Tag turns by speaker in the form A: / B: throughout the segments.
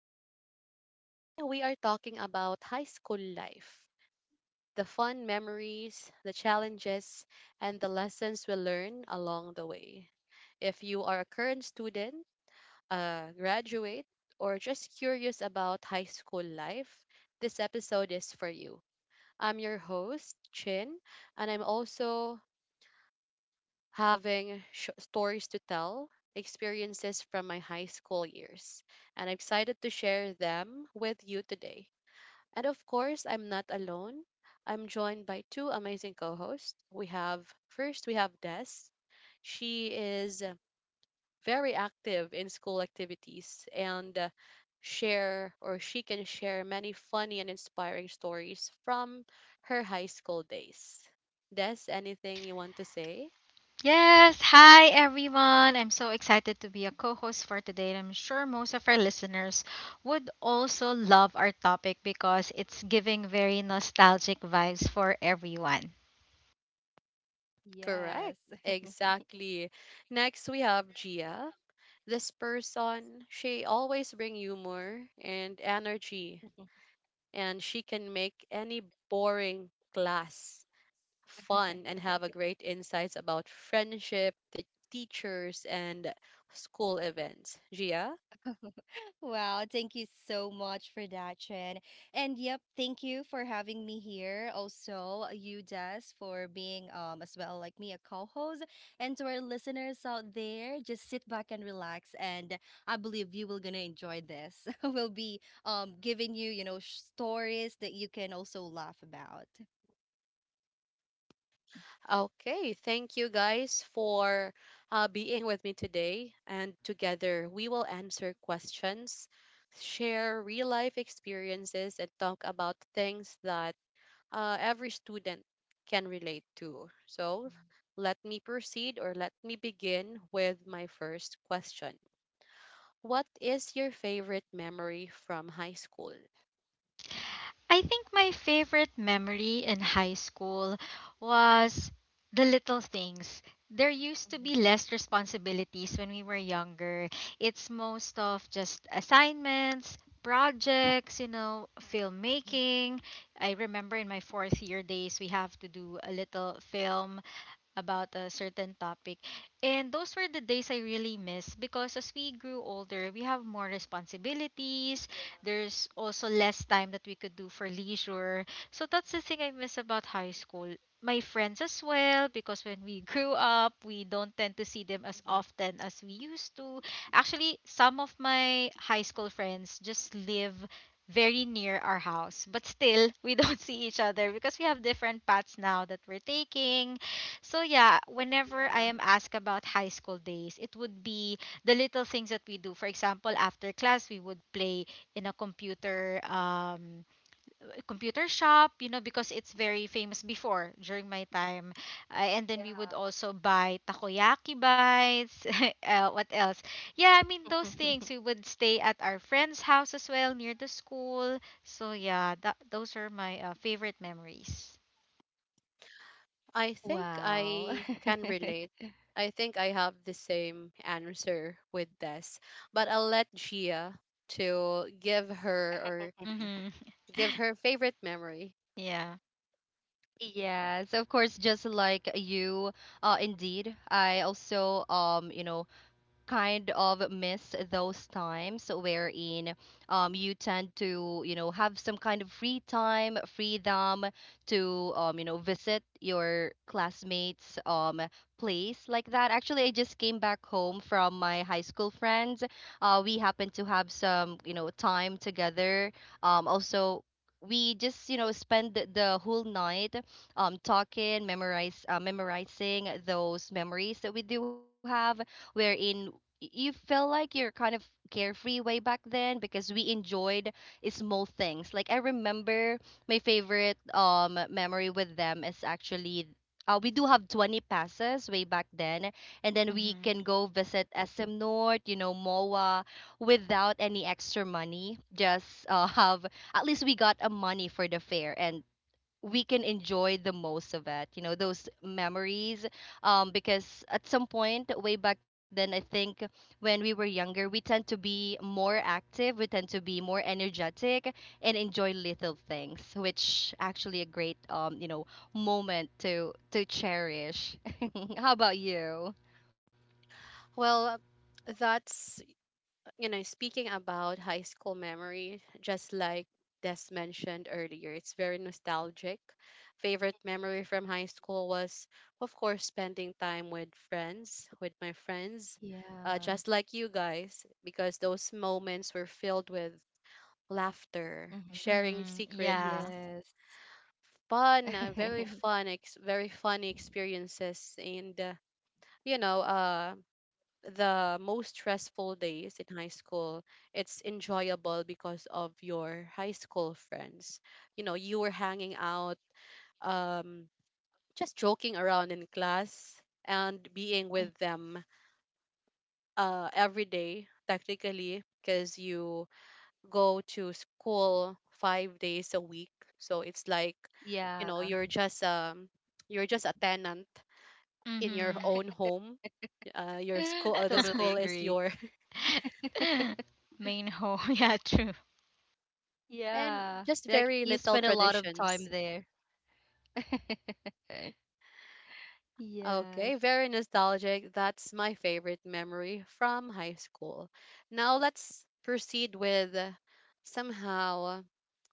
A: And today we are talking about high school life, the fun memories, the challenges, and the lessons we learn along the way. If you are a current student, a graduate, or just curious about high school life, this episode is for you. I'm your host, Chin, and I'm also having stories to tell, experiences from my high school years, and I'm excited to share them with you today. And of course, I'm not alone. I'm joined by two amazing co-hosts. We have first we have Des. She is very active in school activities and share or she can share many funny and inspiring stories from her high school days. Des, anything you want to say?
B: Yes, hi everyone. I'm so excited to be a co host for today, and I'm sure most of our listeners would also love our topic because it's giving very nostalgic vibes for everyone.
C: Yes.
A: Correct. Exactly. Next, we have Gia. This person, she always bring humor and energy, and she can make any boring class fun and have a great insights about friendship, the teachers, and school events. Gia?
C: Wow, thank you so much for that, Chen. And yep, thank you for having me here. Also, you Des, for being as well like me a co-host. And to our listeners out there, just sit back and relax, and I believe you will gonna enjoy this. We'll be giving you, stories that you can also laugh about.
A: Okay, thank you guys for being with me today. And together we will answer questions, share real life experiences, and talk about things that every student can relate to. So let me begin with my first question. What is your favorite memory from high school?
B: I think my favorite memory in high school was the little things. There used to be less responsibilities when we were younger. It's most of just assignments, projects, filmmaking. I remember in my fourth year days, we have to do a little film about a certain topic. And those were the days I really miss because as we grew older, we have more responsibilities.
C: Yeah.
B: There's also less time that we could do for leisure. So that's the thing I miss about high school. My friends as well, because when we grew up, we don't tend to see them as
C: Mhm.
B: often as we used to. Actually, some of my high school friends just live very near our house, but still, we don't see each other because we have different paths now that we're taking, so yeah, whenever I am
C: Yeah.
B: asked about high school days, it would be the little things that we do. For example, after class, we would play in a computer shop, you know, because it's very famous before during my time. And then we would
C: Yeah.
B: also buy takoyaki bites. What else? Yeah, I mean those things. We would stay at our friend's house as well near the school. So yeah, those are my favorite memories.
A: I think
C: Wow.
A: I can relate. I think I have the same answer with this, but I'll let Gia to give her or
B: Mm-hmm.
A: give her favorite memory.
B: Yeah.
C: Yes, of course, just like you, indeed. I also, kind of miss those times wherein you tend to have some kind of free time, freedom to, visit your classmates, place like that. Actually, I just came back home from my high school friends. We happened to have some time together. Also, we just spend the whole night talking, memorize memorizing those memories that we do have, wherein you feel like you're kind of carefree way back then, because we enjoyed small things. Like I remember my favorite memory with them is actually, we do have 20 passes way back then, and then we
B: Mm-hmm.
C: can go visit SM North, you know, MOA without any extra money. Just, have at least we got a money for the fare, and we can enjoy the most of it, you know, those memories, because at some point way back then, I think when we were younger, we tend to be more active, we tend to be more energetic and enjoy little things, which actually a great, moment to cherish. How about you?
A: Well, that's, you know, speaking about high school memory, just like Des mentioned earlier, it's very nostalgic. Favorite memory from high school was, of course, spending time with friends, with my friends,
C: Yeah.
A: just like you guys, because those moments were filled with laughter,
C: Hmm.
A: sharing
B: Mm,
A: secrets,
B: yeah.
C: Yes.
A: fun, very fun, very funny experiences, and you know, the most stressful days in high school, it's enjoyable because of your high school friends. You know, you were hanging out, um, just joking around in class and being
C: Mhm.
A: with them every day, technically, because you go to school 5 days a week. So it's like, you
C: Yeah.
A: know, you're just a tenant in your
B: Mhm.
A: own home. Your school, the
C: Totally
A: school is
C: agree.
A: your,
B: Main home. Yeah, true.
A: and
C: Yeah.
A: just
C: Like
A: very
C: you
A: little
C: spend a lot of time
A: traditions.
C: there. Yes.
A: Okay, very nostalgic. That's my favorite memory from high school. Now let's proceed with somehow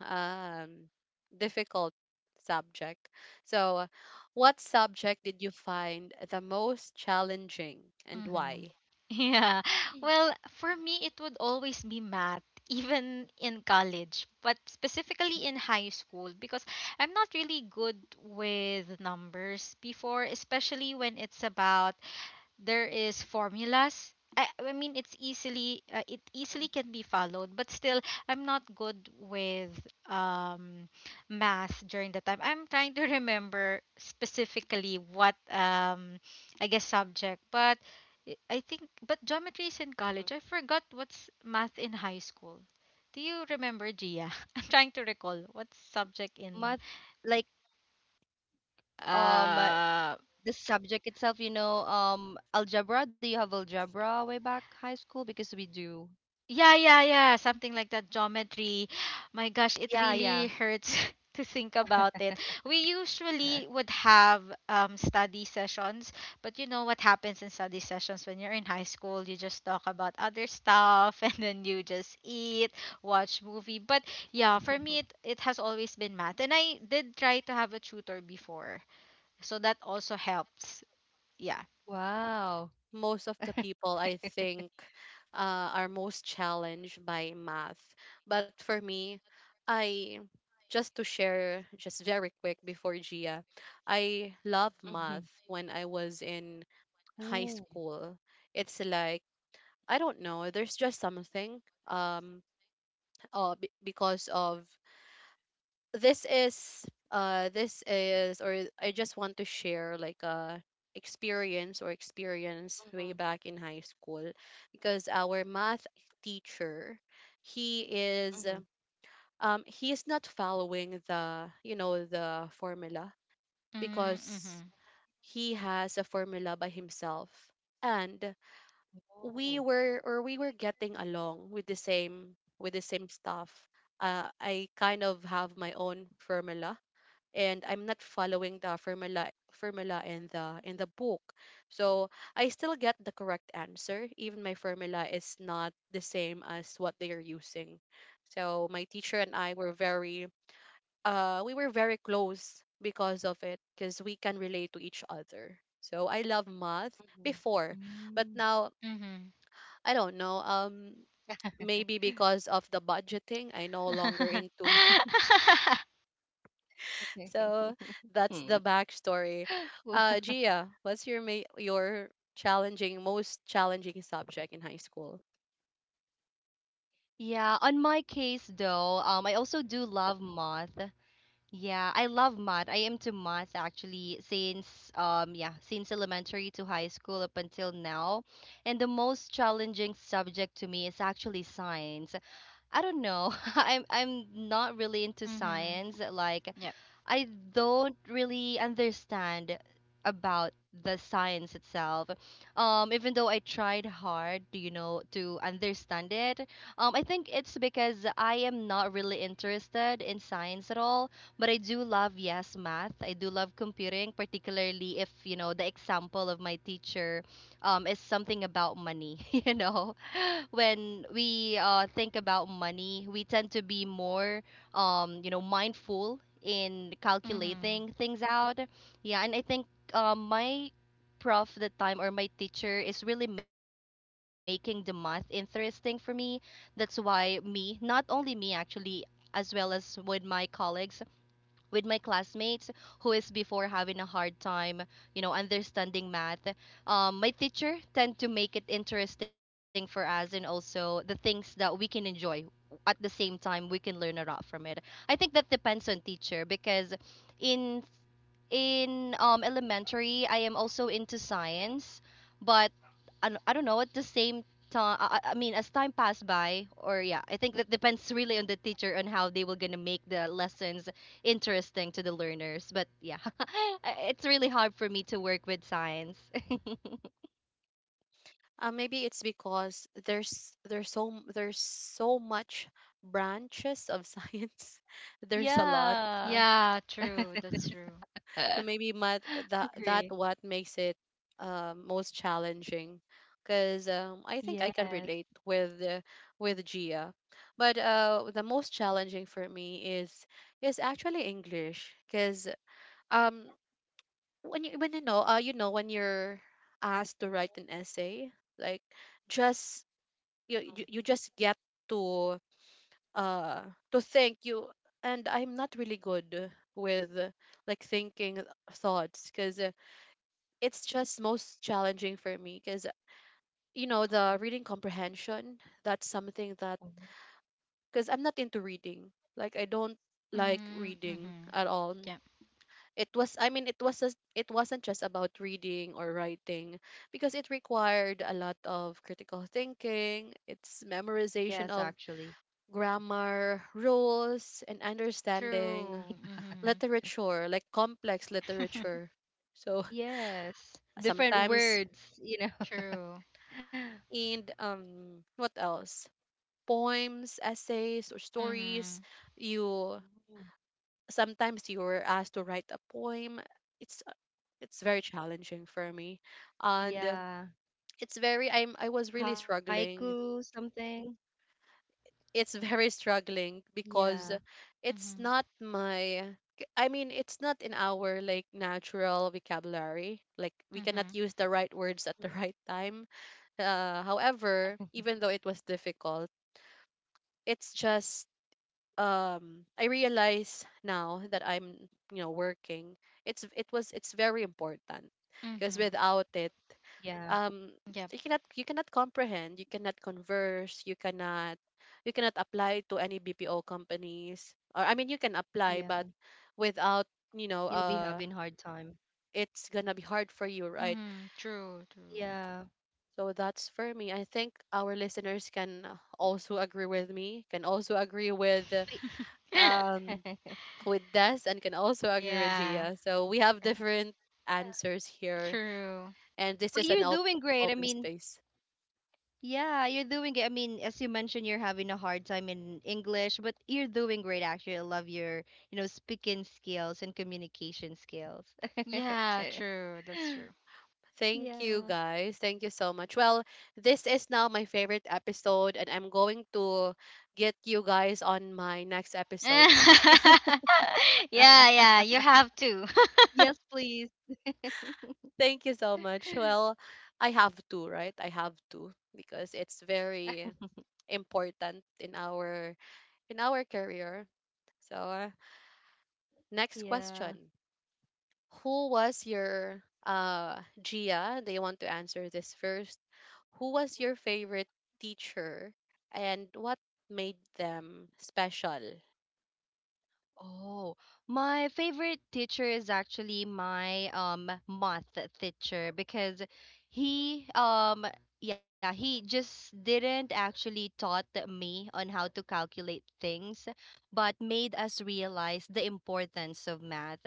A: um, difficult subject. So, what subject did you find the most challenging and
B: Mhm.
A: why?
C: Mhm.
B: Yeah. Well, for me it would always be math even in college, but specifically in high school because I'm not really good with numbers before, especially when it's about there is formulas. I mean it easily can be followed, but still I'm not good with um math during the time. I'm trying to remember specifically what I guess subject, but I think but geometry is in college. I forgot what's math in high school. Do you remember, Gia? I'm trying to recall what subject in
C: Math, like, um uh,
B: uh
C: the subject itself, you know, algebra. Do you have algebra way back high school? Because we do.
B: Yeah, yeah, yeah. Something like that, geometry. My gosh, it
C: Yeah,
B: really
C: yeah.
B: hurts to think about it. We usually would have study sessions, but you know what happens in study sessions when you're in high school? You just talk about other stuff and then you just eat, watch movie. But yeah, for me, it has always been math. And I did try to have a tutor before, so that also helps. Yeah.
C: Wow.
A: Most of the people, I think, are most challenged by math. But for me, I, just to share just very quick before Gia, I love math
C: Mhm.
A: when I was in high
C: Oh.
A: school. It's like, I don't know, there's just something um because of this is or I just want to share like a experience way
C: Mhm.
A: back in high school, because our math teacher, he is
C: Mhm.
A: he is not following the, you know, the formula, because
B: Mm-hmm.
A: he
C: Mhm.
A: has a formula by himself and we
C: Oh.
A: were or we were getting along with the same stuff. I kind of have my own formula, and I'm not following the formula in the book. So I still get the correct answer even my formula is not the same as what they are using. So my teacher and I were very, we were very close because of it, because we can relate to each other. So I love math
C: Mhm.
A: before, but
C: Mm.
A: now
B: Mm-hmm.
A: I don't know, maybe because of the budgeting I no longer into. So that's the backstory.
C: Wow.
A: Gia, what's your your challenging, most challenging subject in high school?
C: Yeah, on my case though, I also do love math. Yeah, I love math. I am to math actually since, yeah, since elementary to high school up until now. And the most challenging subject to me is actually science. I don't know. I'm not really into
B: Mm-hmm.
C: science. Like
B: Yep.
C: I don't really understand about the science itself. Even though I tried hard, you know, to understand it, I think it's because I am not really interested in science at all. But I do love, yes, math. I do love computing, particularly if, you know, the example of my teacher is something about money, you know. When we, think about money, we tend to be more, mindful in
B: Mm-hmm.
C: calculating things out. Yeah, and I think, my prof that time or my teacher is really making the math interesting for me. That's why me, not only me actually, as well as with my colleagues, with my classmates who is before having a hard time, you know, understanding math. My teacher tend to make it interesting for us, and also the things that we can enjoy at the same time we can learn a lot from it. I think that depends on teacher because in elementary, I am also into science, but I don't know at the same time. I mean, as time passed by, or yeah, I think that depends really on the teacher on how they were gonna make the lessons interesting to the learners. But yeah, it's really hard for me to work with science.
A: Maybe it's because there's so much branches of science. There's a lot.
C: Yeah,
B: Yeah, true. That's true.
A: So maybe my, that that
C: agree.
A: what makes it most challenging. Because I think I can
C: Yes,
A: relate with Gia, but the most challenging for me is actually English. Because um when you, when you know when you're asked to write an essay, like, just you just get to, uh to think, you, and I'm not really good with, like, thinking thoughts, because it's just most challenging for me because, you know, the reading comprehension, that's something that, because I'm not into reading, like, I don't like
B: Mm-hmm.
A: reading
B: Mm-hmm.
A: at all.
B: Yep.
A: It was i mean it was just, it wasn't just about reading or writing because it required a lot of critical thinking. It's
C: yes,
A: memorization of
C: actually,
A: grammar rules and understanding
B: True. Mm-hmm.
A: literature, like complex literature. So
C: yes, different
A: sometimes,
C: words, you know.
B: True.
A: and what else, poems, essays or
B: Mm-hmm.
A: stories, you, sometimes you were asked to write a poem. it's it's very challenging for me, and
C: Yeah.
A: it's very, I was really
C: Haiku,
A: struggling.
C: something.
A: It's very struggling
C: Yeah,
A: because it's
B: Mm-hmm.
A: not my, I mean, it's not in our, like, natural vocabulary, like we cannot
B: Mm-hmm.
A: use the right words at the right time. Uh, however, even though it was difficult, it's just, I realize now that I'm, you know, working, it's it was it's very important, because
B: Mm-hmm.
A: without it,
C: yeah,
A: um
B: Yep.
A: you cannot, you cannot comprehend, you cannot converse, you cannot, you cannot apply to any BPO companies, or I mean you can
C: yeah.
A: apply, but without, you know,
C: You'll be having hard time.
A: it's gonna be hard for you, right?
B: Mm-hmm. True. True.
C: Yeah.
A: So that's for me. I think our listeners can also agree with me, can also agree with,
C: But,
A: um with Des, and can also agree with
B: Yeah.
A: Gia. So we have
B: Yeah.
A: different answers here,
B: True.
A: and this
C: but
A: is an
C: you're doing great. I
A: open
C: mean,
A: space.
C: yeah, you're doing it. I mean, as you mentioned, you're having a hard time in English, but you're doing great actually. I love your, you know, speaking skills and communication skills.
B: Yeah, true. That's true.
A: Thank you,
C: Yeah.
A: guys. Thank you so much. Well, this is now my favorite episode, and I'm going to get you guys on my next episode.
B: Yeah, yeah. You have to.
C: Yes, please.
A: Thank you so much. Well, I have to, right? I have to, because it's very important in our, in our career. So, next
C: Yeah.
A: question. Who was your Gia? They want to answer this first. Who was your favorite teacher and what made them special?
C: Oh, my favorite teacher is actually my math teacher because he, yeah, he just didn't actually taught me on how to calculate things, but made us realize the importance of math.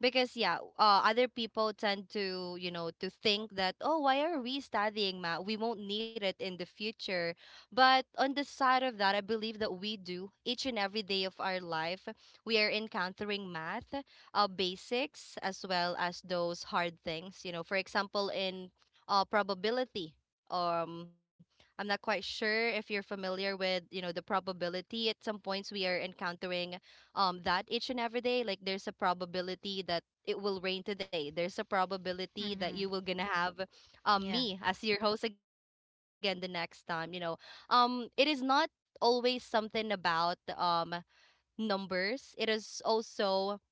C: Because yeah, other people tend to, you know, to think that, oh, why are we studying math? We won't need it in the future. But on the side of that, I believe that we do each and every day of our life we are encountering math, basics as well as those hard things. You know, for example, in, probability. Um, I'm not quite sure if you're familiar with, you know, the probability. At some points, we are encountering, that each and every day. Like there's a probability that it will rain today. There's a probability that
B: Mm-hmm.
C: you will gonna have,
B: Yeah.
C: me as your host again the next time. You know, it is not always something about, numbers. It is also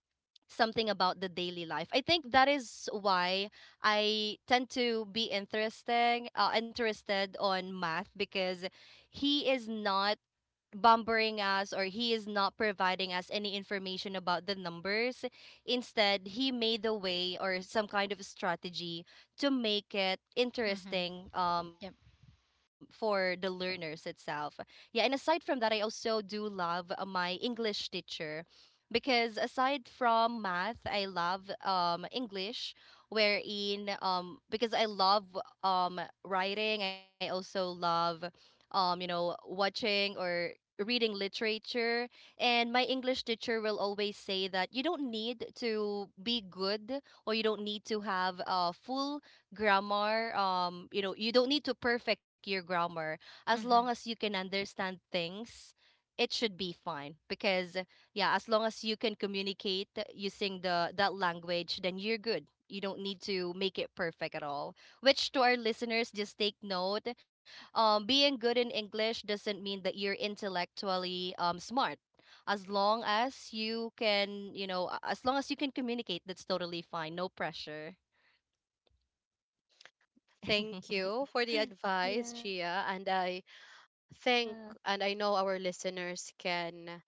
C: something about the daily life. I think that is why I tend to be interested on math, because he is not bumbering us, or he is not providing us any information about the numbers. Instead, he made a way or some kind of strategy to make it
B: Mm-hmm.
C: interesting,
B: Yep.
C: for the learners itself. Yeah, and aside from that, I also do love, my English teacher, because aside from math, I love, English, wherein because I love um writing. I also love, you know, watching or reading literature. And my English teacher will always say that you don't need to be good, or you don't need to have a full grammar, you know, you don't need to perfect your grammar. As long as
B: Mm-hmm.
C: you can understand things, it should be fine, because yeah, as long as you can communicate using the that language, then you're good. You don't need to make it perfect at all. Which, to our listeners, just take note, being good in English doesn't mean that you're intellectually, smart. As long as you can, you know, as long as you can communicate, that's totally fine. No pressure.
A: Thank you for the advice,
C: Yeah.
A: Gia. And I think, and I know our listeners can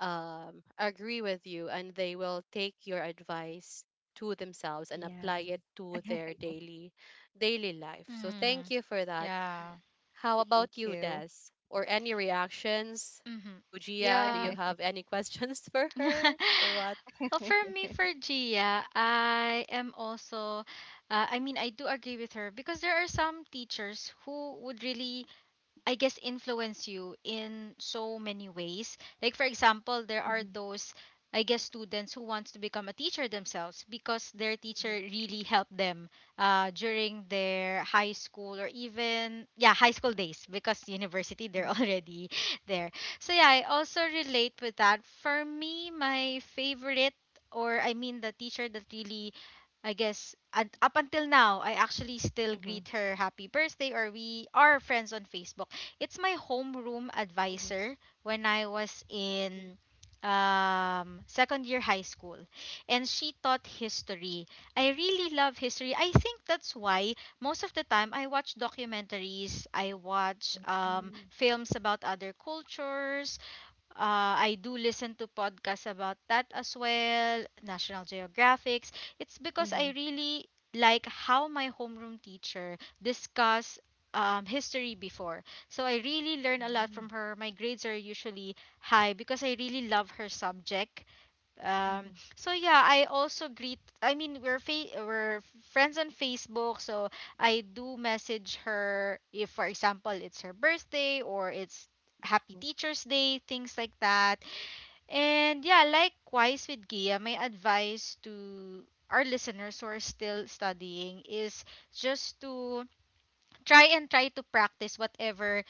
A: agree with you, and they will take your advice to themselves and
C: Yeah.
A: apply it to their daily life. So
B: Mm-hmm.
A: thank you for that.
B: Yeah.
A: How
C: Thank
A: about you,
C: you.
A: Des? Or any reactions
B: Mm-hmm.
A: to Gia? Do you
B: Yeah.
A: have any questions for her or what?
B: Well, for me, for Gia, I am also, I mean, I do agree with her because there are some teachers who would really, I guess, influence you in so many ways. Like for example, there are
C: Mhm,
B: those, I guess, students who wants to become a teacher themselves because their teacher really helped them during their high school, or even yeah high school days because university
C: mhm,
B: they're already there. So yeah, I also relate with that. For me, my favorite, or I mean the teacher that really, I guess, and up until now, I actually still greet
C: mhm,
B: her happy birthday, or we are friends on Facebook. It's my homeroom
C: mhm,
B: advisor when I was in second year high school, and she taught history. I really love history. I think that's why most of the time I watch documentaries, I watch
C: mhm,
B: films about other cultures, I do listen to podcasts about that as well, National Geographics. It's
C: mhm,
B: because I
C: mhm,
B: really like how my homeroom teacher discuss history before. So I really learn a
C: mhm,
B: lot from her. My grades are usually high because I really love her subject. Um,
C: mhm.
B: so yeah, I also greet. I mean, we're friends on Facebook, so I do message her if, for example, it's her birthday or it's Happy Teacher's Day, things like that. And yeah, likewise with Gia, my advice to our listeners who are still studying is just to try and try to practice whatever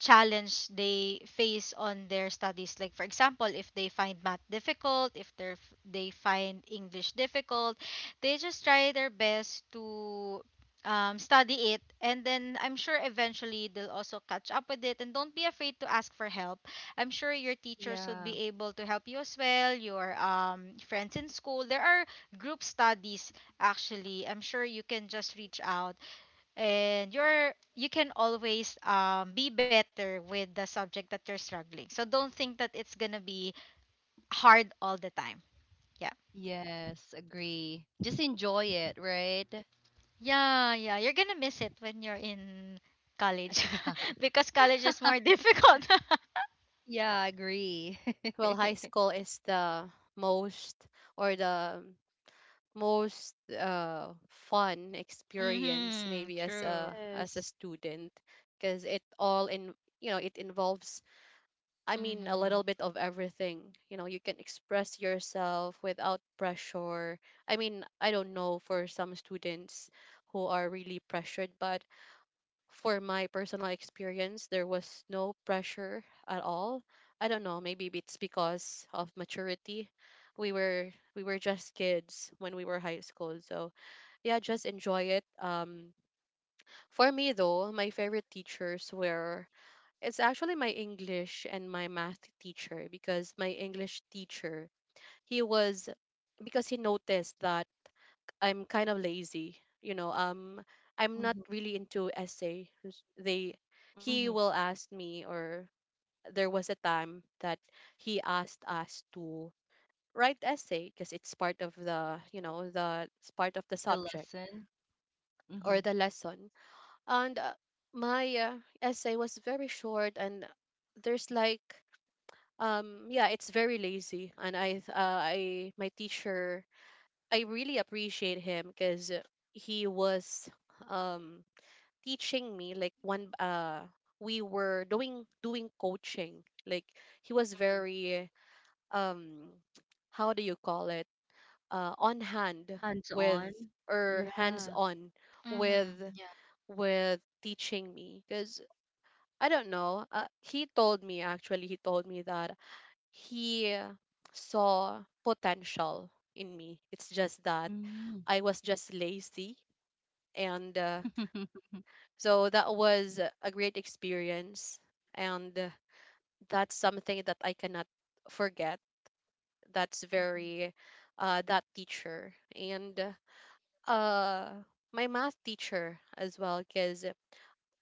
B: challenge they face on their studies, like for example if they find math difficult, if they find English difficult, they just try their best to study it, and then I'm sure eventually they'll also catch up with it. And don't be afraid to ask for help. I'm sure your teachers would
C: Yeah.
B: be able to help you, as well your friends in school. There are group studies, actually. I'm sure you can just reach out, and you can always be better with the subject that you're struggling, so don't think that it's gonna be hard all the time. Yeah,
C: Yes, agree. Just enjoy it, right?
B: yeah, yeah, you're gonna miss it when you're in college
C: Yeah.
B: because college is more difficult.
C: Yeah, agree.
A: Well, high school is the most, or the most, fun experience,
B: Mm-hmm.
A: maybe, as
B: True.
A: a, as a student, because it all in, you know, it involves, I mean, a little
B: Mm-hmm.
A: bit of everything. You know, you can express yourself without pressure. I mean, I don't know, for some students who are really pressured, but for my personal experience, there was no pressure at all. I don't know, maybe it's because of maturity. We were just kids when we were high school, so yeah, just enjoy it. For me though, my favorite teachers were, it's actually my English and my math teacher, because my English teacher, he was, because he noticed that I'm kind of lazy. You know, I'm not really into essay.
C: Mm-hmm.
A: He will ask me, or there was a time that he asked us to write essay because it's part of the, you know, the it's part of the
C: The
A: subject,
C: lesson, hmm. Mm-hmm.
A: or the lesson. And my essay was very short, and there's like, yeah, it's very lazy. And my teacher, I really appreciate him because he was um teaching me, like, one, we were doing coaching, like he was
C: Mhm.
A: very um how do you call it, on hand
C: Hands
A: with,
C: on.
A: or hands
C: Yeah.
A: on
B: Mm-hmm.
A: with
B: Yeah.
A: with teaching me, because I don't know, he told me, actually he told me that he saw potential in me, it's just that
C: Mm-hmm.
A: I was just lazy. And so that was a great experience. And that's something that I cannot forget. That's very, that teacher. And uh, my math teacher as well, because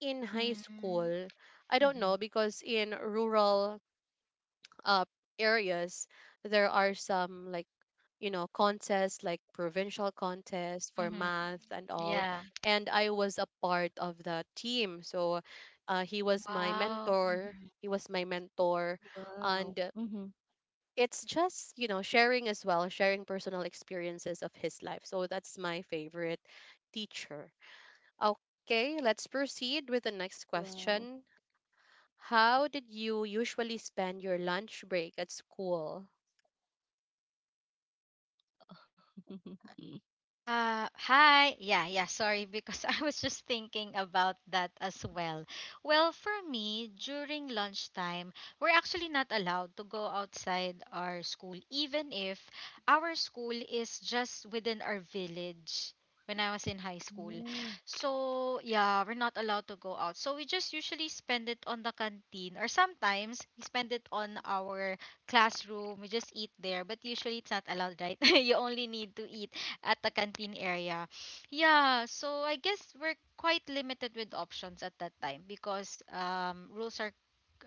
A: in high
B: Mm-hmm.
A: school, I don't
B: Mm-hmm.
A: know, because in rural uh, areas, there are some, like, you know, contests, like provincial contests for
B: Mm-hmm.
A: math and all,
B: Yeah.
A: and I was a part of the team. So he was my
B: Wow.
A: mentor,
B: Mm-hmm.
A: he was my mentor.
C: Wow.
A: And
C: Mm-hmm.
A: it's just, you know, sharing as well, sharing personal experiences of his life. So that's my favorite teacher. Okay, let's proceed with the next
C: Wow.
A: question. How did you usually spend your lunch break at school?
B: Hi. Yeah, yeah, sorry, because I was just thinking about that as well. Well, for me, during lunchtime, we're actually not allowed to go outside our school, even if our school is just within our village when I was in high school.
C: Oh.
B: So, yeah, we're not allowed to go out. So, we just usually spend it on the canteen, or sometimes we spend it on our classroom. We just eat there, but usually it's not allowed, right? You only need to eat at the canteen area. Yeah, so I guess we're quite limited with options at that time because rules are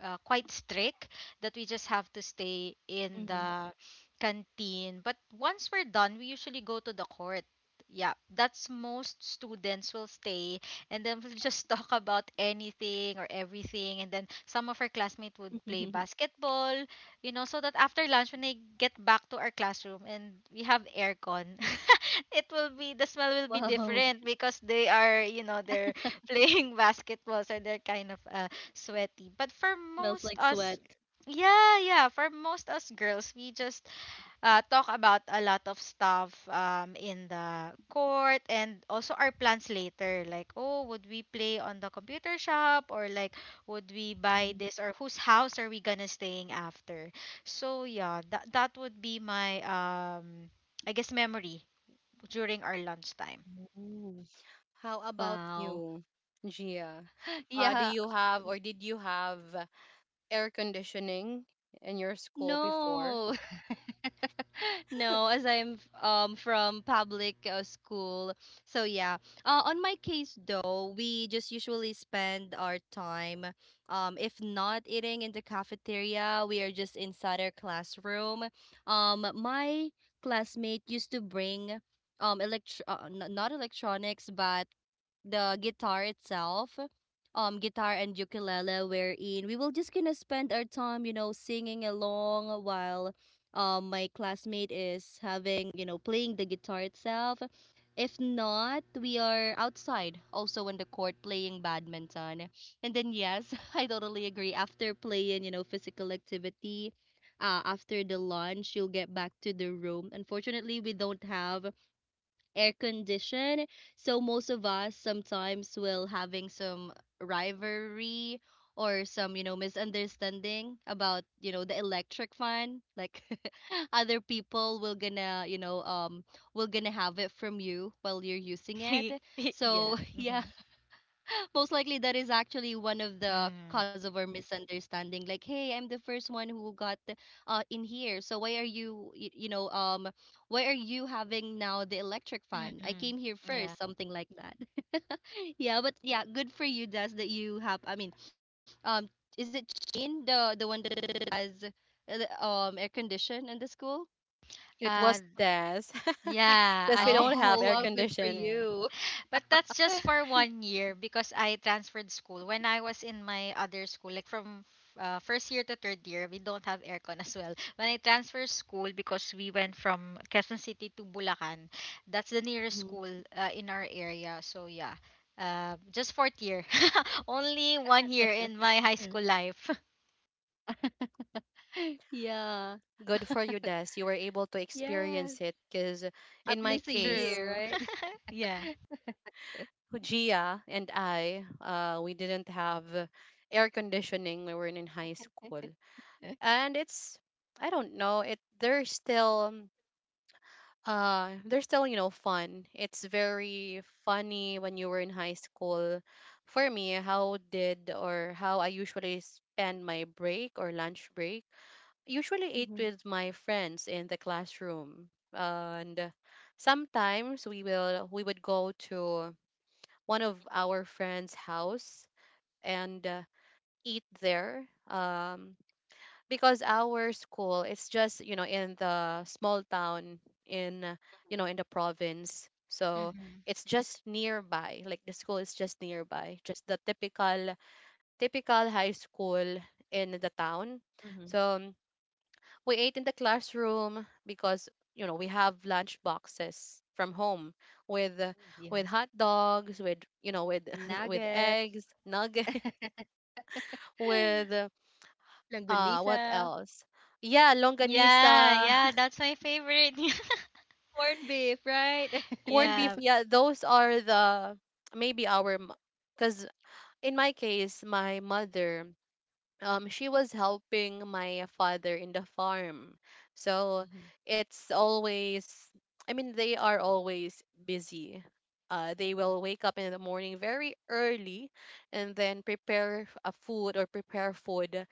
B: quite strict that we just have to
C: Mm-hmm.
B: stay in the canteen. But once we're done, we usually go to the court. Yeah, that's most students will stay, and then we'll just talk about anything or everything. And then some of our classmates would play basketball, so that after lunch when I get back to our classroom and we have aircon, it will be the smell will be
C: Wow.
B: different because they're playing basketball, so they're kind of sweaty. But
C: Smells like sweat.
B: yeah, yeah, for most us girls, we just talk about a lot of stuff in the court, and also our plans later. Like, oh, would we play on the computer shop, or like, would we buy this, or whose house are we gonna staying after? So yeah, that would be my I guess memory during our lunchtime.
C: Ooh.
A: How about
C: Wow.
A: you, Gia? Do
C: Yeah.
A: you have, or did you have air conditioning in your school before?
C: No. No, as I'm from public, school. So yeah. Uh, on my case though, we just usually spend our time, if not eating in the cafeteria, we are just inside our classroom. Um, my classmate used to bring, not electronics, but the guitar itself, guitar and ukulele, wherein we will just gonna spend our time, you know, singing along while, my classmate is having, you know, playing the guitar itself. If not, we are outside also on the court playing badminton. And then yes, I totally agree, after playing, you know, physical activity, after the lunch, you'll get back to the room. Unfortunately, we don't have air condition. So most of us sometimes will having some rivalry or some, you know, misunderstanding about, you know, the electric fan. Like other people will gonna, you know, will gonna have it from you while you're using it.
B: Yeah.
C: So yeah,
B: Mhm.
C: most likely that is actually one of the cause
B: Mhm.
C: of our misunderstanding. Like, hey, I'm the first one who got, in here, so why are you, you know, why are you having now the electric fan? I came
B: Mhm.
C: here
B: Yeah.
C: first, something like that. Yeah. But yeah, good for you, Des, that you have. I mean, um is it Shane, the one that has, the, air condition in the school?
A: It
B: Uh
A: was Des.
B: yeah,
A: Because we
C: Oh,
B: I
A: don't have
B: that's
A: air
C: wow,
B: me.
C: good for
A: condition.
B: Yeah.
C: you.
B: But that's just for one year because I transferred school. When I was in my other school, like from first year to third year, we don't have aircon as well. When I transferred school because we went from Quezon City to Bulacan, that's the nearest school in our area. So yeah, just fourth year, only one year in my high school life.
C: Yeah.
A: Good for you, Des. You were able to
C: Yes,
A: experience it. Because
C: at
A: in my
C: least a
A: case,
C: year,
B: True.
C: right?
B: Yeah.
A: Gia and I, we didn't have air conditioning when we were in high school, and it's, I don't know. It, there's still, they're still, you know, fun. It's very funny when you were in high school. For me, how did or how I usually spend my break or lunch break, usually ate
C: Mhm,
A: with my friends in the classroom. And sometimes we would go to one of our friends' house and eat there. Because our school, it's just, you know, in the small town, in you know, in the province. So
B: Hmm.
A: it's just nearby, like the school is just nearby, just the typical high school in the
C: mhm,
A: town. So we ate in the classroom because, you know, we have lunch boxes from home with uh,
C: yeah.
A: with hot dogs, with, you know, with with
C: Nuggets,
A: eggs, nuggets, with what
C: langganisa,
A: else yeah,
B: Yeah,
A: longanisa,
B: yeah, that's my favorite.
C: corned beef, right?
A: corned beef.
B: Yeah.
A: Yeah, those are the maybe our, because in my case, my mother, she was helping my father in the farm. So
C: Mhm,
A: it's always, they are always busy. They will
C: mhm.
A: wake up in the morning very early and then prepare a food, or prepare food.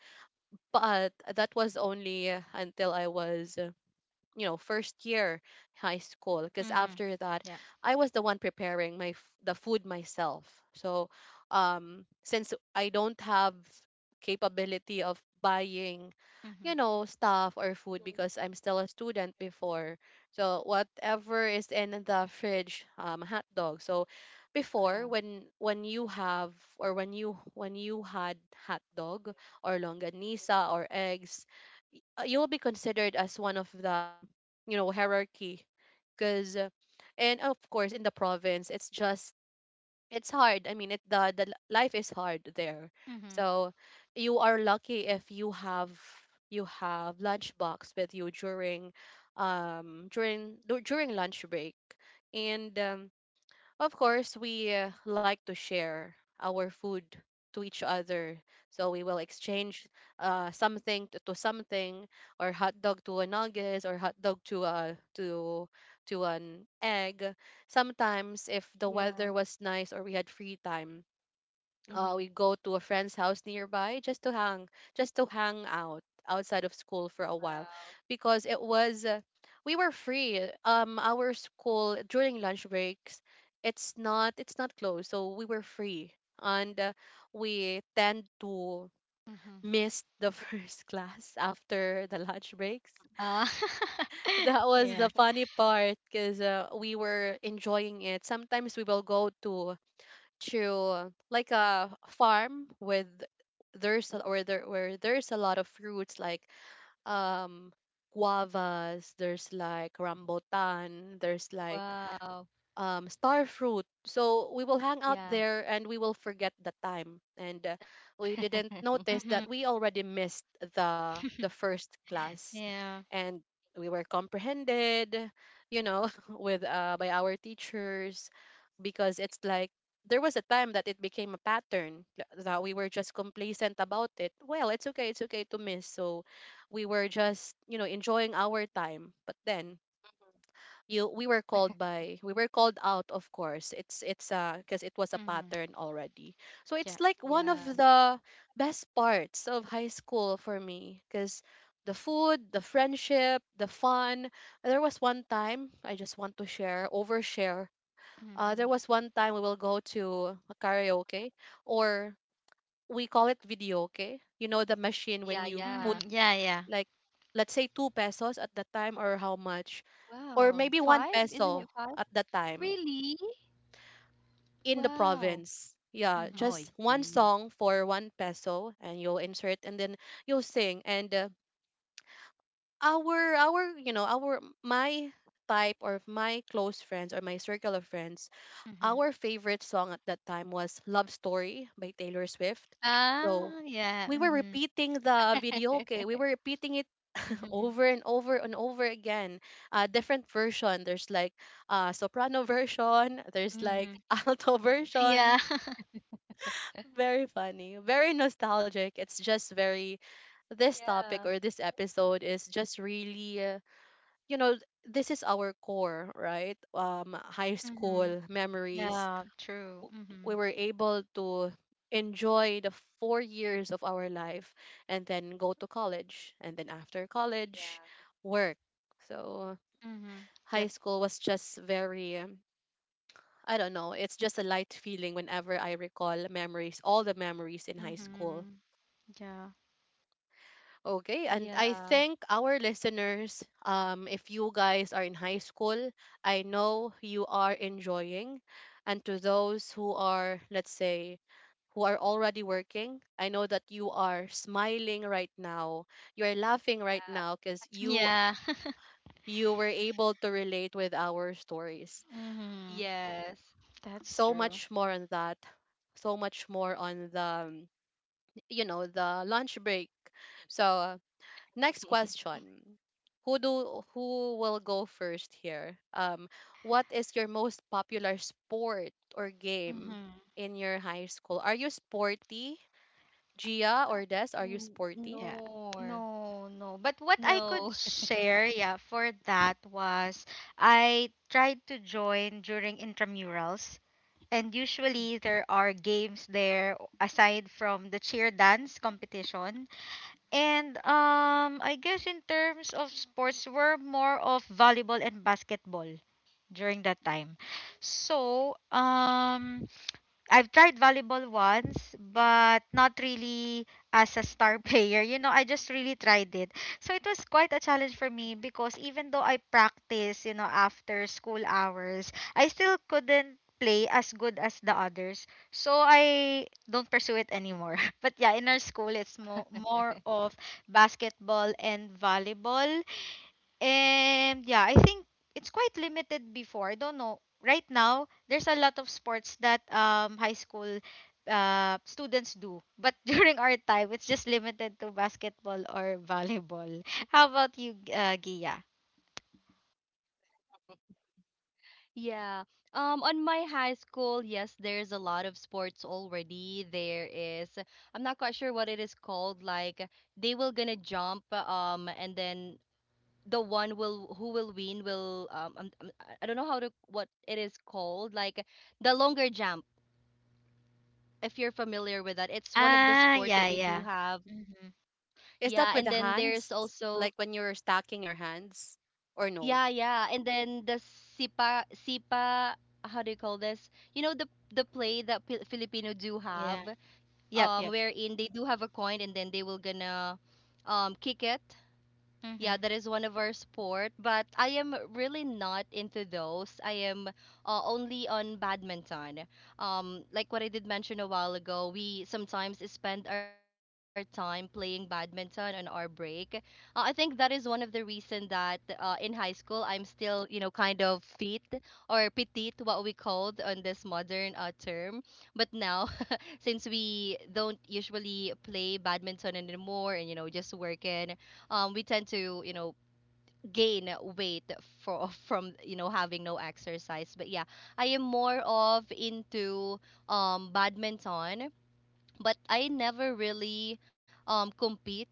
A: But that was only until I was, you know, first year high school, because
B: Mm-hmm.
A: after that,
B: Yeah.
A: I was the one preparing my the food myself. So since I don't have capability of buying,
B: Mm-hmm.
A: you know, stuff or food, because I'm still a student before. So whatever is in the fridge, um, hot dog. So before, when you have, or when you had hot dog or longanisa or eggs, you'll be considered as one of the you know, hierarchy. Because, and of course, in the province, it's just it's hard, I mean, it the life is hard there.
B: Mm-hmm.
A: So you are lucky if you have lunchbox with you during during lunch break. And of course, we like to share our food to each other. So we will exchange something to, something, or hot dog to a nuggets, or hot dog to a to an egg. Sometimes, if the weather
C: Yeah.
A: was nice or we had free time, we
C: Mhm.
A: go to a friend's house nearby just to hang out outside of school for a while, because it was we were free. Our school during lunch breaks, it's not closed, so we were free. And we tend to
B: Mhm.
A: miss the first class after the lunch breaks.
B: Ah.
A: That was
B: Yeah.
A: the funny part, because we were enjoying it. Sometimes we will go to like a farm with, there's a, or there where there's a lot of fruits, like um guavas, there's like rambutan, there's like
C: Wow.
A: star fruit. So we will hang out
C: Yeah.
A: there and we will forget the time. And we didn't notice
B: Mhm.
A: that we already missed the first class,
B: Yeah.
A: and we were comprehended, you know, with by our teachers. Because it's like there was a time that it became a pattern that we were just complacent about it. Well, it's okay to miss. So we were just, you know, enjoying our time. But then you we were called by we were called out, of course. It's because it was a
B: Mhm.
A: pattern already. So it's
B: Yeah.
A: like one of
C: Yeah.
A: the best parts of high school for me, because the food, the friendship, the fun. There was one time, I just want to share, overshare. There
B: Mhm.
A: was one time we will go to a karaoke, or we call it videoke. You know, the machine
C: Yeah,
A: when you
C: yeah.
B: Mhm.
A: put
B: Yeah, yeah.
A: like, let's say, two pesos at the time, or how much, or
C: Wow.
A: maybe one
C: Five? Isn't
A: peso
C: it
A: at
C: five?
A: that time
C: Really?
A: in the
C: Wow.
A: province. Yeah,
C: Oh,
A: just
B: Mhm.
C: I
A: one
C: see.
A: song for one peso, and you'll insert, and then you'll sing. And our you know, our my type, or my close friends, or my circle of friends,
B: Mhm.
A: our favorite song at that time was "Love Story" by Taylor Swift. So
B: Ah, yeah.
A: we were
B: Mhm.
A: repeating the video. Okay, we were repeating it
B: Mhm.
A: over and over and over again. Different version. There's like soprano version, there's like
B: Mhm.
A: alto
B: Yeah.
A: version. Very funny. Very nostalgic. It's just very, this
C: Yeah.
A: topic or this episode is just really, you know, this is our core, right? Um, high
B: Mhm.
A: school memories.
B: Yeah, true.
A: w- we
B: Mhm.
A: were able to enjoy the 4 years of our life and then go to college and then after college,
C: Yeah.
A: work. So
B: Mhm.
A: high
B: Yep.
A: school was just very, I don't know, it's just a light feeling whenever I recall memories, all the memories in high school.
B: Mhm. Yeah.
A: Okay, and I
C: Yeah.
A: thank our listeners. If you guys are in high school, I know you are enjoying. And to those who are, let's say, who are already working, I know that you are smiling right now. You are laughing
C: Yeah.
A: right now, because
B: Yeah.
A: you were able to relate with our stories.
B: Mhm.
C: Yes.
B: That's
A: So
B: true.
A: much more on that. So much more on the, you know, the lunch break. So, next question. Who will go first here? What is your most popular sport or game
B: Mhm.
A: in your high school? Are you sporty, Gia or Des? Are you
C: N-
A: sporty?
B: Yeah.
C: nor.
B: No, no. But what I could
C: No.
B: share, yeah, for that was I tried to join during intramurals. And usually there are games there aside from the cheer dance competition. And I guess in terms of sports, we're more of volleyball and basketball during that time. So I've tried volleyball once, but not really as a star player. You know, I just really tried it. So it was quite a challenge for me because even though I practice, after school hours, I still couldn't play as good as the others, so I don't pursue it anymore. But yeah, in our school, it's more of basketball and volleyball. And yeah, I think it's quite limited before. I don't know. Right now, there's a lot of sports that high school students do. But during our time, it's just limited to basketball or volleyball. How about you, Gia?
C: Yeah. On my high school, yes, there's a lot of sports already. There is, I'm not quite sure what it is called. Like they will gonna jump, and then the one will who will win will, I'm, I don't know how to what it is called. Like the longer jump, if you're familiar with that, it's one of the sport that we
B: Ah,
C: do
B: yeah,
C: have.
B: yeah. Mm-hmm.
C: Yeah, and
A: Is that
C: then
A: with the
C: there's
A: hands,
C: also
A: like when you're stacking your hands, or
C: Yeah,
A: no?
C: yeah. And then the sipa sipa, how do you call this? You know the play that P Filipino do have
B: Yeah. Yep, yep.
C: wherein they do have a coin and then they will gonna kick it, yeah,
B: Mm-hmm.
C: that is one of our sport, but I am really not into those. I am only on badminton. Like what I did mention a while ago, we sometimes spend our time playing badminton on our break. I think that is one of the reason that in high school I'm still, you know, kind of fit or petite, what we called on this modern term. But now since we don't usually play badminton anymore and you know just working we tend to gain weight for from having no exercise but yeah, I am more of into badminton but I never really compete.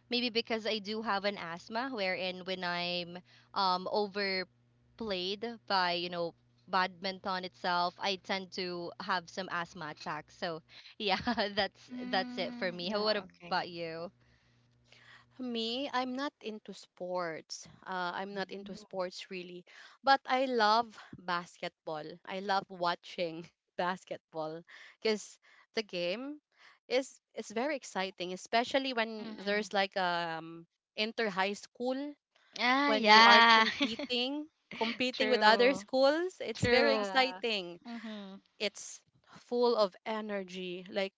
C: Maybe because I do have an asthma, wherein when I'm overplayed by badminton itself, I tend to have some asthma attacks. So yeah, that's it for
B: Mm,
C: me. How what
B: yeah,
C: about you?
A: Me, I'm not into sports. I'm not into
C: Mm.
A: sports, really. But I love basketball. I love watching basketball, because the game is very exciting, especially when
B: okay.
A: there's like, inter high school,
B: Ah,
A: when
C: Mhm.
A: you are
B: yeah.
A: competing with other
B: True.
A: schools. It's very
B: True.
C: Yeah,
A: exciting.
B: Mhm.
A: It's full of energy, like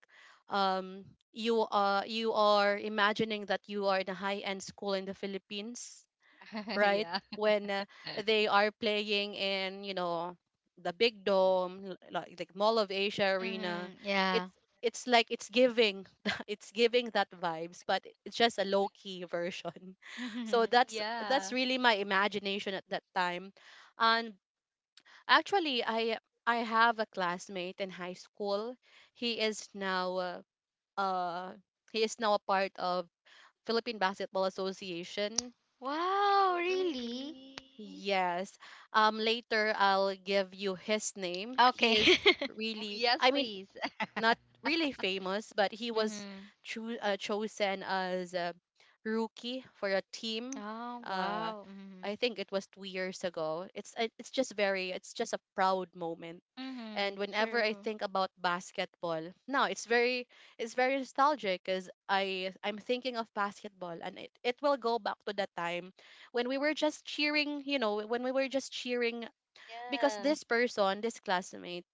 A: um you are imagining that you are in a high end school in the Philippines, right?
C: yeah,
A: When they are playing in, you know, the big dome, like, Mall of Asia arena.
B: Mhm.
A: it's
B: Yeah.
A: it's like, it's giving it's giving that vibes, but it's just a low key version. So
B: Mhm.
C: yeah.
A: that's really my imagination at that time. And actually, I have a classmate in high school. He is now uh uh, he is now a part of Philippine Basketball Association.
B: Wow,
C: Oh
B: really?
C: really?
A: Yes. Um, later I'll give you his name. He
B: Okay.
A: is
C: Oh
A: really,
C: yes,
A: I mean,
C: please.
A: not really famous, but he was
B: Mhm.
A: chosen as a rookie for a team.
B: Oh,
A: Uh,
B: wow. Mhm.
A: I think it was 2 years ago. It's just very, it's just a proud moment. And
B: Mhm.
A: whenever I
B: True.
A: think about basketball now, it's very nostalgic, because I'm thinking of basketball and it will go back to that time when we were just cheering, you know, when we were just cheering. Because
C: yeah,
A: this person, this classmate,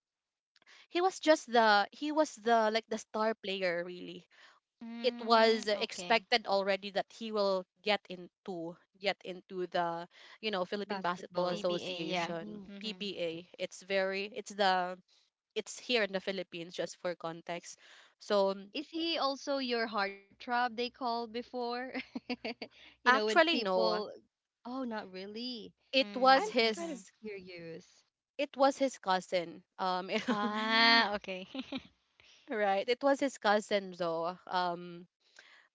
A: he was just the, he was the, like, the star player, really. It
B: Mm,
A: was
B: okay.
A: expected already that he will get into the, you know, Philippine Basketball
C: basketball.
B: PBA, yeah.
A: Association,
C: Mm.
B: Mhm.
A: PBA. It's very, it's the, it's here in the Philippines, just for context. So,
C: Is he also your heartthrob they called before? You know, when
A: actually, no,
C: people, oh, not really.
A: it was
B: Mm,
C: I'm kind of
B: mhm.
A: his,
C: curious.
A: it was his cousin. Um,
C: Mm,
B: Ah, okay.
A: right, it was his cousin, though. Um,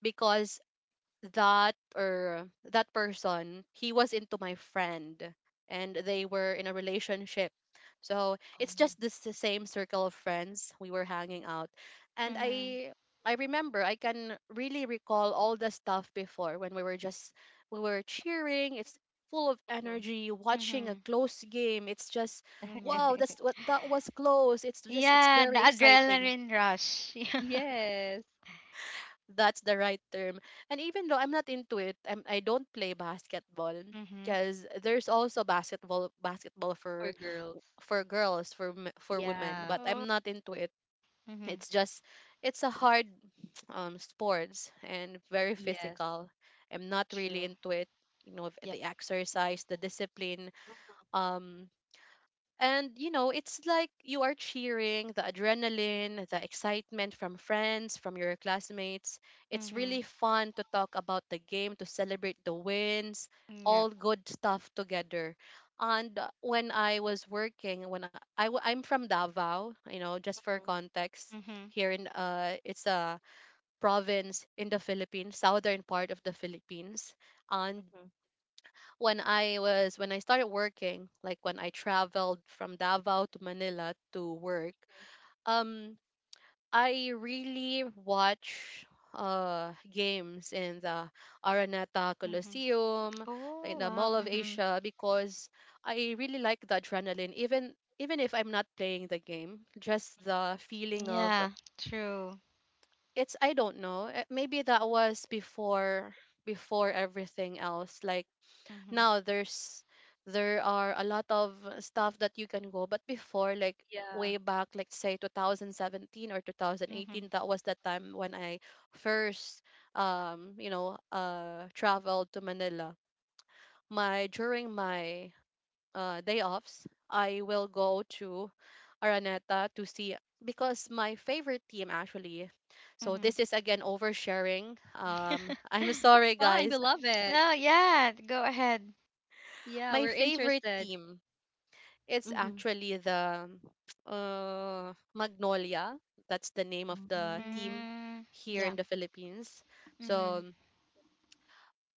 A: because that, or that person, he was into my friend, and they were in a relationship. So it's
C: oh,
A: just this, the same circle of friends we were hanging out. And
B: Mhm.
A: I remember, I can really recall all the stuff before, when we were just, we were cheering. It's full of energy watching a
B: Mhm.
A: close game. It's just,
B: Mm, yeah.
A: wow, that's what, that was close. It's just, it's
B: Yeah, the
A: very exciting.
B: adrenaline rush. Yeah.
C: yes,
A: That's the right term. And even though I'm not into it, I don't play basketball,
B: Mhm.
A: because there's also basketball, for
C: for girls.
A: girls, for for women, but
C: Yeah,
B: Oh.
A: I'm not into it.
B: Mhm.
A: It's just it's a hard um, sports, and very
C: yes.
A: physical. I'm not really
B: True.
A: into it. You know,
B: Yep.
A: the exercise, the discipline. Um, and you know, it's like you are cheering, the adrenaline, the excitement from friends, from your classmates. It's
B: Mm-hmm.
A: really fun to talk about the game, to celebrate the wins,
B: Yep.
A: all good stuff together. And when I was working, when I'm from Davao, you know, just for
C: Mhm,
A: context,
B: Mm-hmm.
A: here in it's a province in the Philippines, southern part of the Philippines. And
C: mhm,
A: when I started working, like when I traveled from Davao to Manila to work,
C: mhm.
A: um, I really watch games in the Araneta
B: Mm-hmm.
A: Coliseum,
B: Oh,
A: in the
B: wow.
A: Mall of
B: Mm-hmm.
A: Asia, because I really like the adrenaline. Even if I'm not playing the game, just the feeling of
B: Yeah, true.
A: it's I don't know. Maybe that was before, before everything else. Like
B: Mm-hmm.
A: now, there's there are a lot of stuff that you can go. But before, like way
C: Yeah,
A: back, like say 2017 or
B: Mm-hmm.
A: 2018, that was the time when I first you know, traveled to Manila. My, during my day offs, I will go to Araneta to see, because my favorite team, actually, so this is again oversharing,
C: it's
A: I'm
B: Mm-hmm.
A: sorry,
C: fine. We love
A: guys.
C: it.
B: No, yeah, go ahead.
C: Yeah,
A: My
C: we're
A: favorite
C: interested.
A: team, it's
C: Mm-hmm.
A: actually the Magnolia. That's the name of the team
C: Mm.
B: Mm,
A: here
B: yeah.
A: in the Philippines.
B: Mm-hmm.
A: So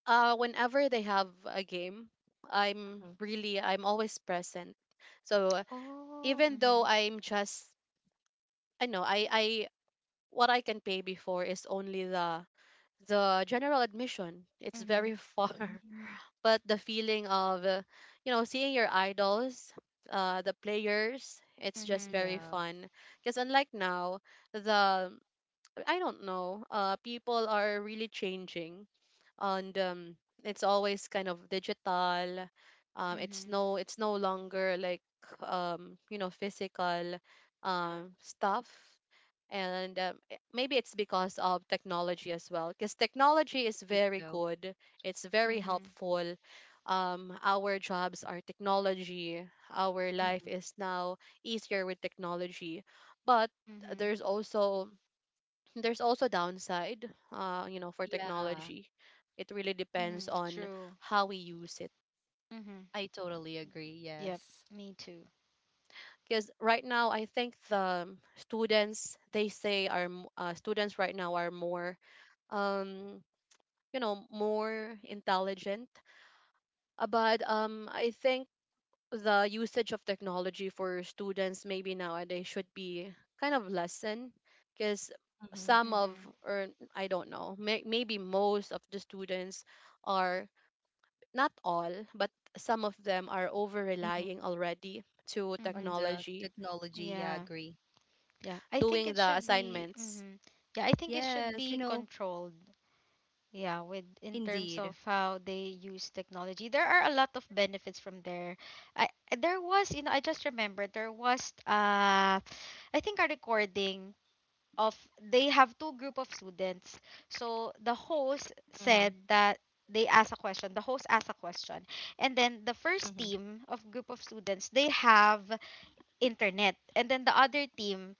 A: whenever they have a game, I'm
C: Mhm.
A: really, I'm always present. So
B: Oh,
A: even though
B: mm-hmm.
A: I'm just I know I what I can pay before is only the general admission. It's
B: Mm-hmm.
A: very far
C: Mm.
A: but the feeling of you know seeing your idols, uh, the players. It's just
B: Mm-hmm.
A: very
C: Yeah,
A: fun because unlike now the I don't know. People are really changing, and it's always kind of digital. It's
B: Mm-hmm.
A: it's no longer like you know, physical stuff, and maybe it's because of technology as well. Because
C: I
A: technology is
C: think
A: very
C: so.
A: good. It's very
B: Mm-hmm.
A: helpful. Our jobs are technology. Our life
C: Mhm.
A: is now easier with technology, but
B: Mm-hmm.
A: there's also there's also downside, you know, for
C: Yeah.
A: technology. It really depends
B: Hmm.
A: on
B: True.
A: how we use it
B: Mm-hmm.
C: I totally agree.
B: Yep,
C: Yes.
B: me too.
A: because right now I think the students they say are m- students right now are more um you know more intelligent. But I think the usage of technology for students maybe nowadays should be kind of lessened because
C: Mm-hmm.
A: some of
B: Mm-hmm.
A: or I don't know, maybe most of the students are, not all, but some of them are over relying already to
B: Mm-hmm.
C: On the
A: technology,
C: technology. Yeah,
B: Yeah.
C: agree.
B: Yeah. I think
A: doing
B: it
A: the
B: should be
A: assignments,
B: mm-hmm. Yeah, I think it should
C: Yes,
B: be
C: you know,
B: controlled. Yeah, with
C: indeed.
B: in terms of how they use technology, there are a lot of benefits from there. I there was, I just remembered there was I think a recording of they have two group of students. So
C: Mm-hmm.
B: the host said that they asked a question. The host asked a question. And then the
C: Mm-hmm.
B: first team of group of students, they have internet. And then the other team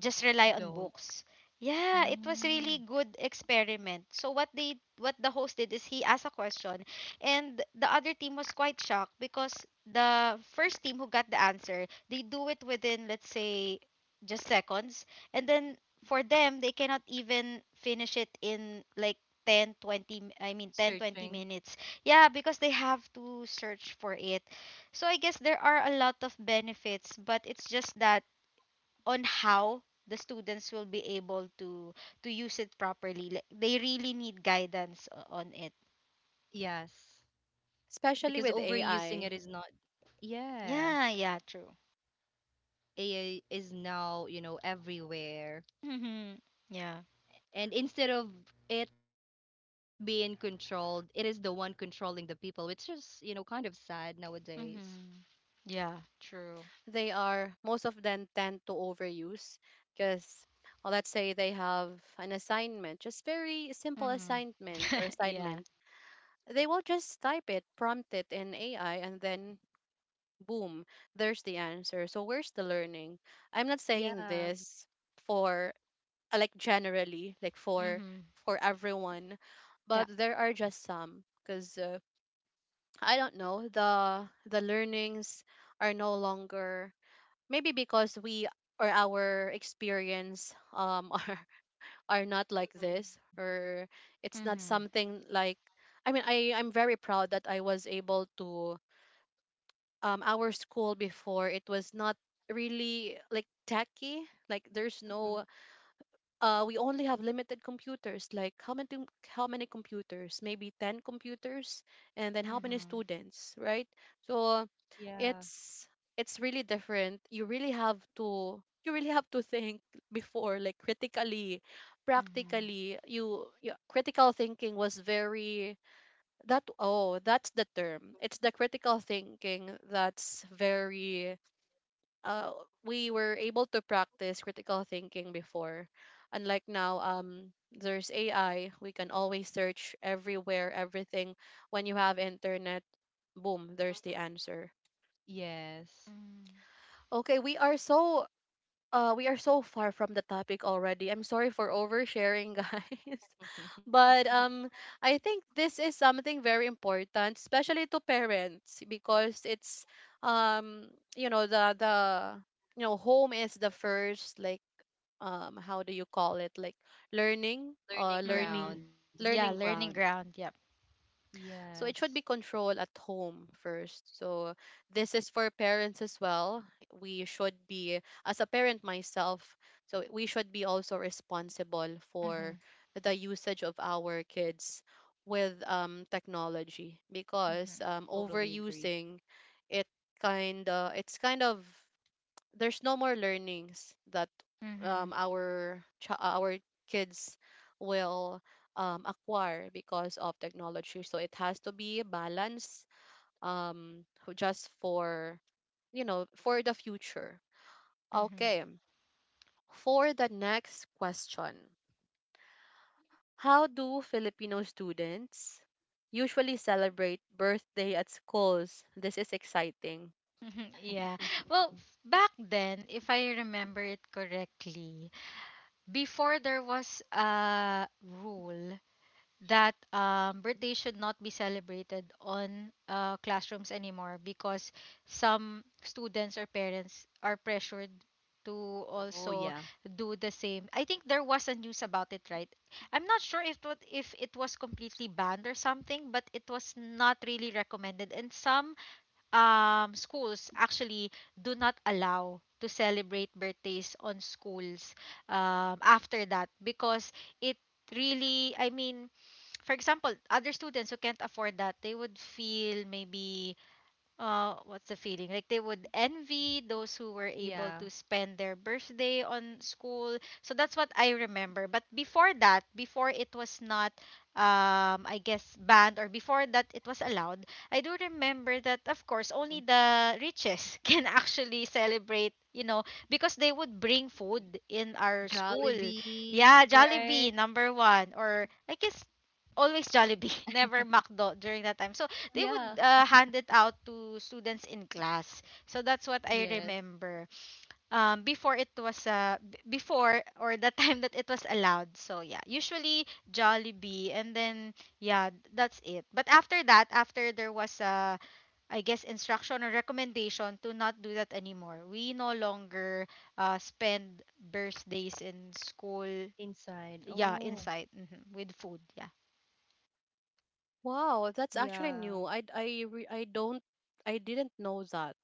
B: just rely on
C: Don't.
B: books. Yeah, it was really
C: Mm.
B: good experiment. So what the host did is he asked a question and the other team was quite shocked because the first team who got the answer, they do it within let's say just seconds and then for them they cannot even finish it in like I
C: Searching.
B: mean 10 20 minutes. Yeah, because they have to search for it. So I guess there are a lot of benefits, but it's just that on how the students will be able to use it properly. Like they really need guidance on it.
C: Yes. Because
A: especially with
C: overusing it is
A: AI.
C: not. Yeah.
B: Yeah, yeah, true.
C: AI is now, you know, everywhere.
B: Mhm. Yeah.
C: And instead of it being controlled, it is the one controlling the people, which is, you know, kind of sad nowadays.
B: Mhm. Yeah, true.
A: They are, most of them tend to overuse because, let's say they have an assignment, just very simple
B: Mhm.
A: assignment or
B: Yeah.
A: assignment. They will just type it, prompt it in AI, and then boom, there's the answer. So, where's the learning? I'm not saying
C: Yeah.
A: this for, like generally like for
B: Mhm.
A: for everyone,
B: Yeah.
A: but there are just some because I don't know, the learnings are no longer, maybe because we, or our experience are not like
C: Mm-hmm.
A: this, or it's not
B: Mhm.
A: something like, I mean, I'm very proud that I was able to, our school before, it was not really like techy. Like there's
C: Mm-hmm.
A: no, we only have limited computers. Like how many how many computers? Maybe 10 computers, and then how many
B: Mhm.
A: students, right? So
C: Yeah.
A: it's it's really different. You really have to think before, like critically,
B: Mhm.
A: practically. You, critical thinking was very that. Oh, that's the term. It's the critical thinking that's very, uh, we were able to practice critical thinking before. Unlike now, there's AI. We can always search everywhere, everything. When you have internet, boom, there's the
C: Mm-hmm.
A: answer.
C: Yes.
B: Mhm.
A: Okay, we are so, we are so far from the topic already. I'm sorry for oversharing, guys. But I think this is something very important, especially to parents, because it's, um, you know, the you know, home is the first like, how do you call it? Like learning or
C: Learning
A: learning
B: Mhm.
C: ground.
B: Yeah,
A: learning
B: learning
A: ground.
B: ground. Yep.
A: So it
C: Yes,
A: should be controlled at home first. So this is for parents as well. We should be, as a parent myself, so we should be also responsible for
B: Mhm.
A: the usage of our kids with technology
B: Mhm.
A: because
C: totally agree.
A: overusing it, it's kind of, there's no more learnings that um,
B: Mhm.
A: our ch- our kids will acquire because of technology. So it has to be balanced, um, just for, you know, for the future.
B: Mhm.
A: Okay, for the next question, how do Filipino students usually celebrate birthday at schools? This is exciting.
B: Yeah. Well, back then, if I remember it correctly, before there was a rule that
C: Mhm.
B: birthdays should not be celebrated on classrooms anymore because some students or parents are pressured to
C: Oh,
B: also
C: yeah.
B: do the same. I think there was a news about it, right? I'm not sure if what if it was completely banned or something, but it was not really recommended. And some schools actually do not allow to celebrate birthdays on schools after that because it really, I mean, for example, other students who can't afford that, they would feel maybe what's the feeling like they would envy those who were able
C: Yeah.
B: to spend their birthday on school. So that's what I remember. But before that, before it was not I guess banned, or before that it was allowed. I do
C: Mhm.
B: remember that of course only the richest can actually celebrate, you know, because they would bring food in our school.
C: Jollibee,
B: Yeah, Jollibee
C: right?
B: number one, or I guess always Jollibee, never Macdo during
C: Yeah.
B: that time. So they would hand it out to students in class. So that's what I
C: Yes.
B: remember. Before it was before or the time that it was allowed. So yeah, usually Jollibee, and then yeah, that's it. But after that, after there was a I guess instruction or recommendation to not do that anymore, we no longer spend birthdays in school.
C: Inside.
B: Yeah,
C: Oh,
B: inside mhm, with food. Yeah.
A: Wow, that's actually
C: yeah.
A: new. I re- I don't I didn't know that.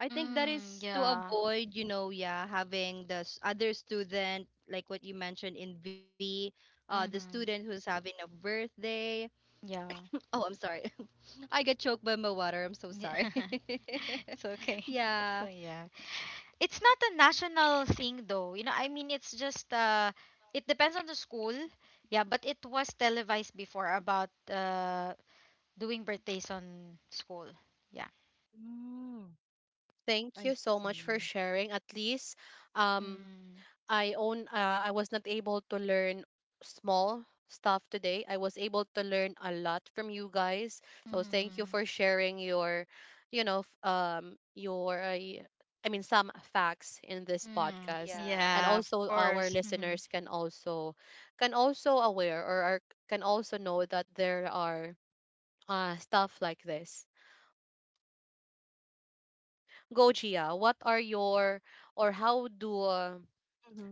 C: I think that
B: Mm,
C: is to
B: yeah.
C: avoid, you know, yeah, having the s- other student, like what you mentioned in V, the student
B: Mm-hmm.
C: who's having a birthday.
B: Yeah.
C: Oh, I'm sorry. I get choked by my water. I'm so
B: Yeah,
C: sorry.
B: it's okay.
C: Yeah.
B: So yeah, it's not a national thing though. You know, I mean, it's just it depends on the school. Yeah, but it was televised before about doing birthdays on school. Yeah.
C: Mm,
A: Thank
C: I
A: you so much
C: see.
A: for sharing. At least um
B: Mm,
A: I own, I was not able to learn small stuff today. I was able to learn a lot from you guys. So thank you
B: mm,
A: for sharing your, your, I mean, some facts in this
B: mm,
A: podcast,
C: Yeah.
A: and
B: yeah, of
A: also our
B: course. Mm-hmm.
A: listeners can also, can also aware or are, can also know that there are stuff like this. Go Gia, what are your, or how do,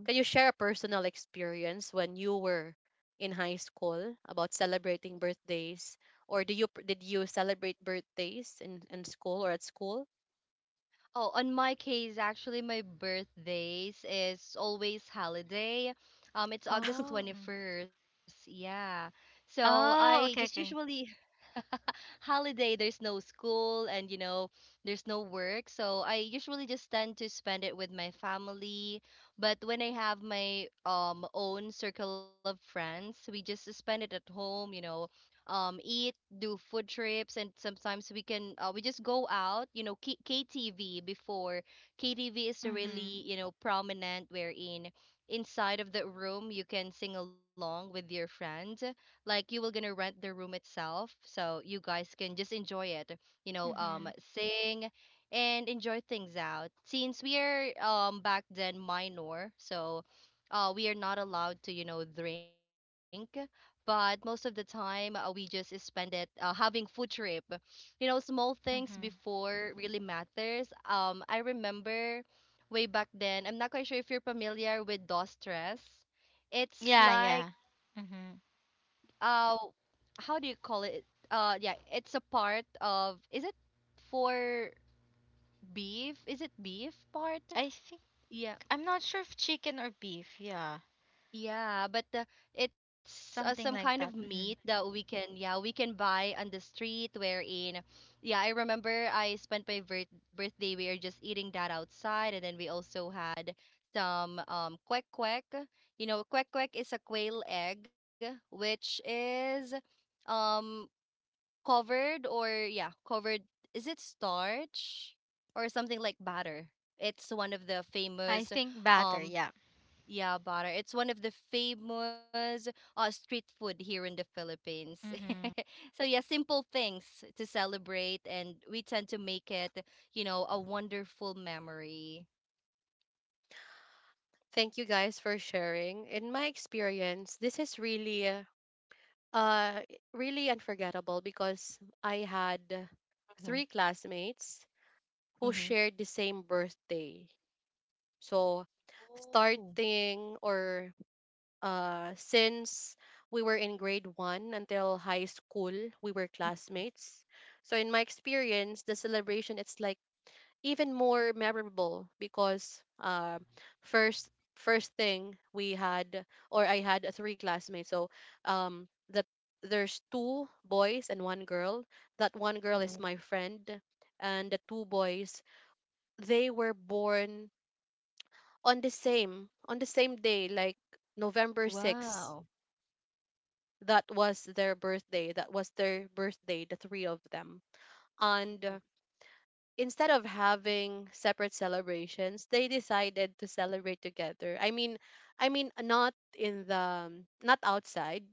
A: can you share a personal experience when you were in high school about celebrating birthdays, or do you did you celebrate birthdays in school or at school?
C: Oh, on my case, actually, my birthdays is always holiday. It's August
B: Oh, mm.
C: 21st. Yeah. So I just
B: Oh, okay,
C: usually
B: okay.
C: holiday, there's no school and you know, there's no work. So I usually just tend to spend it with my family. But when I have my own circle of friends, we just spend it at home, you know, eat, do food trips and sometimes we can we just go out, you know, K- ktv before. Ktv is
B: Hmm.
C: really, you know, prominent wherein inside of the room you can sing along with your friend, like you will gonna rent the room itself so you guys can just enjoy it, you know,
B: Hmm.
C: sing and enjoy things out, since we are back then minor, so we are not allowed to, you know, drink. But most of the time we just spend it having food trip. You know, small things
B: Hmm.
C: before really matters. I remember way back then, I'm not quite sure if you're familiar with dos stress. It's
B: Yeah,
C: like
B: yeah. Hmm.
C: uh how do you call it, yeah, it's a part of, is it for beef, is it beef part?
B: I think
C: Yeah.
B: I'm not sure if chicken or beef. Yeah,
C: Yeah, but it's some
B: something
C: kind of
B: like that.
C: meat
B: Hmm.
C: that we can, yeah, we can buy on the street wherein, yeah, I remember I spent my birthday, we are just eating that outside, and then we also had some kwek kwek. You know, kwek kwek is a quail egg, which is um covered or yeah, covered, is it starch or something like batter? It's one of the
B: I
C: famous
B: think batter,
C: um
B: yeah.
C: yeah, butter. It's one of the famous street food here in the Philippines.
B: Mm-hmm.
C: So yeah, simple things to celebrate, and we tend to make it, you know, a wonderful memory.
A: Thank you guys for sharing. In my experience, this is really uh, really unforgettable because I had
C: Mm-hmm.
A: three classmates who
C: Mm-hmm.
A: shared the same birthday. So
C: Oh.
A: starting or since we were in grade 1 until high school, we were classmates. So in my experience, the celebration, it's like even more memorable because, first, first thing we had, or I had, three classmates. So that there's two boys and one girl. That one girl is
C: Mm-hmm.
A: my friend, and the two boys, they were born on the same day, like November
C: Wow.
A: 6th That was their birthday, that was their birthday, the three of them. And
C: Mm-hmm.
A: instead of having separate celebrations, they decided to celebrate together. I mean, not in the, not outside.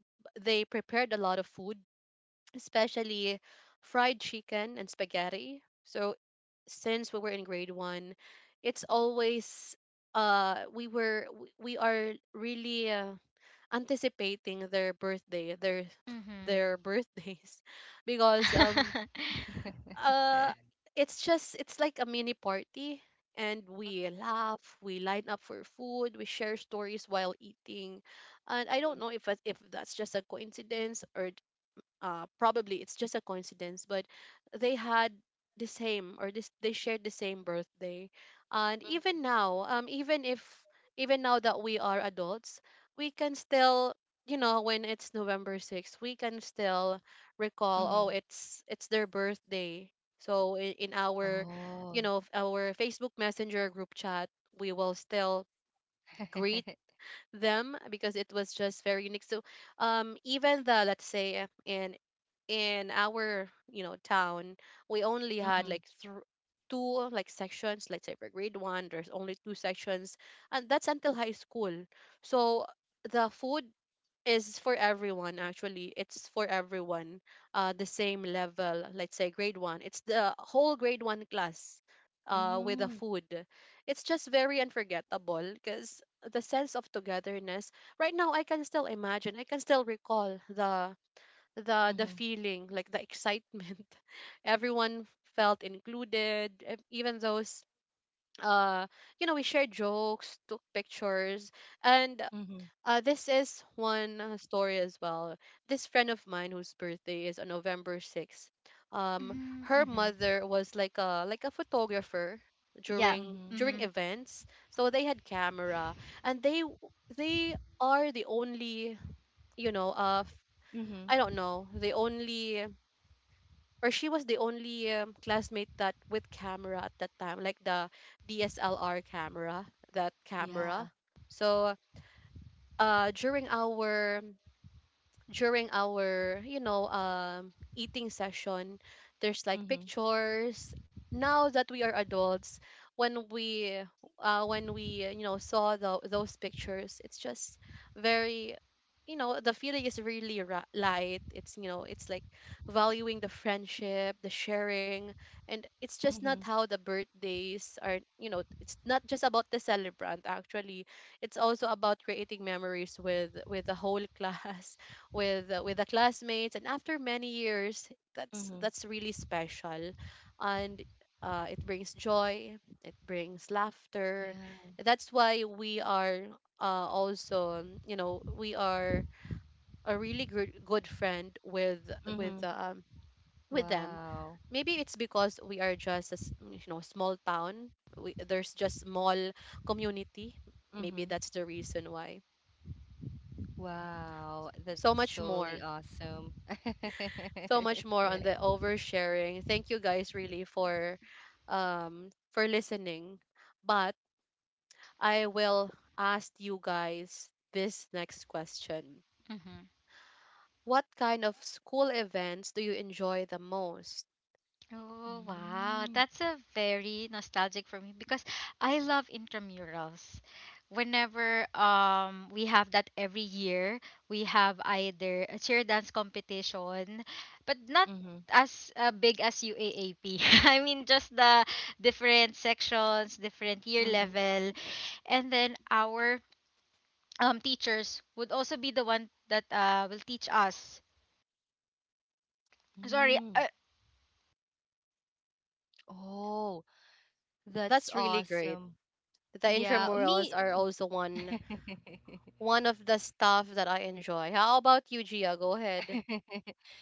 A: They prepared a lot of food, especially fried chicken and spaghetti. So since we were in grade 1, it's always, we are really, anticipating their birthday, their
B: Mm-hmm.
A: their birthdays because uh it's just, it's like a mini party, and we laugh, we line up for food, we share stories while eating. And I don't know if that's just a coincidence, or, probably it's just a coincidence, but they had the same, or this, they shared the same birthday. And even
C: Mm-hmm.
A: now, even if, even now that we are adults, we can still, you know, when it's November 6th, we can still recall,
C: Mm-hmm.
A: oh,
C: Mm-hmm.
A: it's their birthday. So in our, you
C: Oh.
A: know, our Facebook Messenger group chat, we will still greet them because it was just very unique. So even the, let's say, in our, you know, town, we only had
C: Mm-hmm.
A: like thr two like sections. Let's say for grade 1, there's only two sections, and that's until high school. So the food is for everyone, actually, it's for everyone, the same level. Let's say grade one, it's the whole grade 1 class, with the
C: Mm-hmm.
A: food. It's just very unforgettable because the sense of togetherness, right now I can still imagine, I can still recall the
C: Mm-hmm.
A: feeling, like the excitement, everyone felt included, even those, uh you know, we shared jokes, took pictures. And
C: Mm-hmm.
A: this is one, story as well. This friend of mine whose birthday is on November 6th, um her
B: mm-hmm.
A: mother was like a, photographer
B: Yeah.
A: during
C: Mm-hmm.
A: during
B: Mm-hmm.
A: events, so they had camera, and they are the only, you know,
C: Mm-hmm.
A: I don't know, the only, or she was the only, classmate that with camera at that time, like the DSLR camera, that camera.
C: Yeah.
A: So, during our, you know, eating session, there's like
C: Mm-hmm.
A: pictures. Now that we are adults, when we, you know, saw the, those pictures, it's just very, you know, the feeling is really light, it's, you know, it's like valuing the friendship, the sharing. And it's just not
C: Mm-hmm.
A: how the birthdays are, you know, it's not just about the celebrant, actually, it's also about creating memories with the whole class, with, with the classmates, and after many years that's
C: Mm-hmm.
A: that's really special. And, it brings joy, it brings laughter.
C: Yeah.
A: That's why we are, also, you know, we are a really good friend with, with
C: Mm-hmm.
A: um, with them.
C: Wow.
A: Maybe it's because we are just a you know, small town, there's just small community, maybe
C: Mm-hmm.
A: that's the reason why.
C: Wow,
A: So
C: that's
A: much
C: totally
A: more,
C: awesome.
A: so much more on the oversharing. Thank you guys really for listening. But I will ask you guys this next question.
B: Mm-hmm.
A: What kind of school events do you enjoy the most?
B: Oh, wow.
C: Mm.
B: That's a very nostalgic for me because I love intramurals. Whenever we have that every year, we have either a cheer dance competition, but not
C: Mhm.
B: as big as UAAP. I mean, just the different sections, different year
C: Mhm.
B: level, and then our teachers would also be the one that will teach us sorry
C: mm. Oh, that's
A: That's really great.
C: awesome.
A: The
C: Yeah,
A: intramurals
C: me.
A: are also one, one of the stuff that I enjoy. How about you, Gia? Go ahead.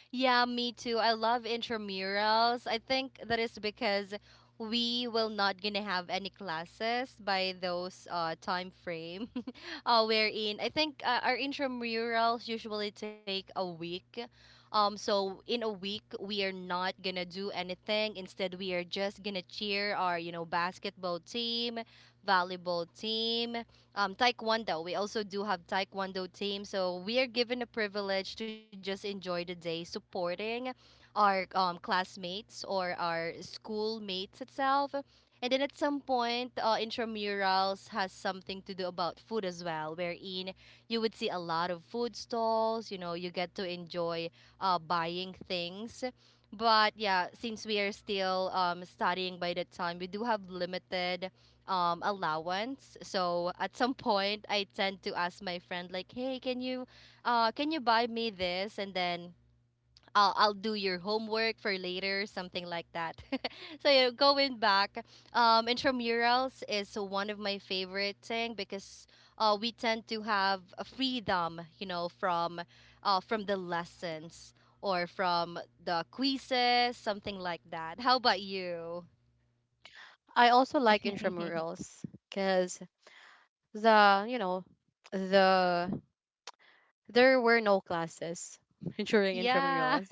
C: Yeah, me too. I love intramurals. I think that is because we will not gonna have any classes by those time frame. Wherein I think our intramurals usually take a week. So in a week we are not gonna do anything. Instead, we are just gonna cheer our, you know, basketball team, volleyball team, Taekwondo. We also do have Taekwondo team, so we are given a privilege to just enjoy the day supporting our classmates or our school mates itself. And then at some point, intramurals has something to do about food as well, wherein you would see a lot of food stalls. You know, you get to enjoy buying things. But yeah, since we are still studying by that time, we do have limited allowance. So at some point, I tend to ask my friend like, "Hey, can you buy me this?" And then I'll do your homework for later, something like that. So yeah, going back, intramurals is one of my favorite thing because we tend to have a freedom, you know, from the lessons or from the quizzes, something like that. How about you?
A: I also like intramurals because the, you know, the there were no classes during
C: yeah.
A: intramurals.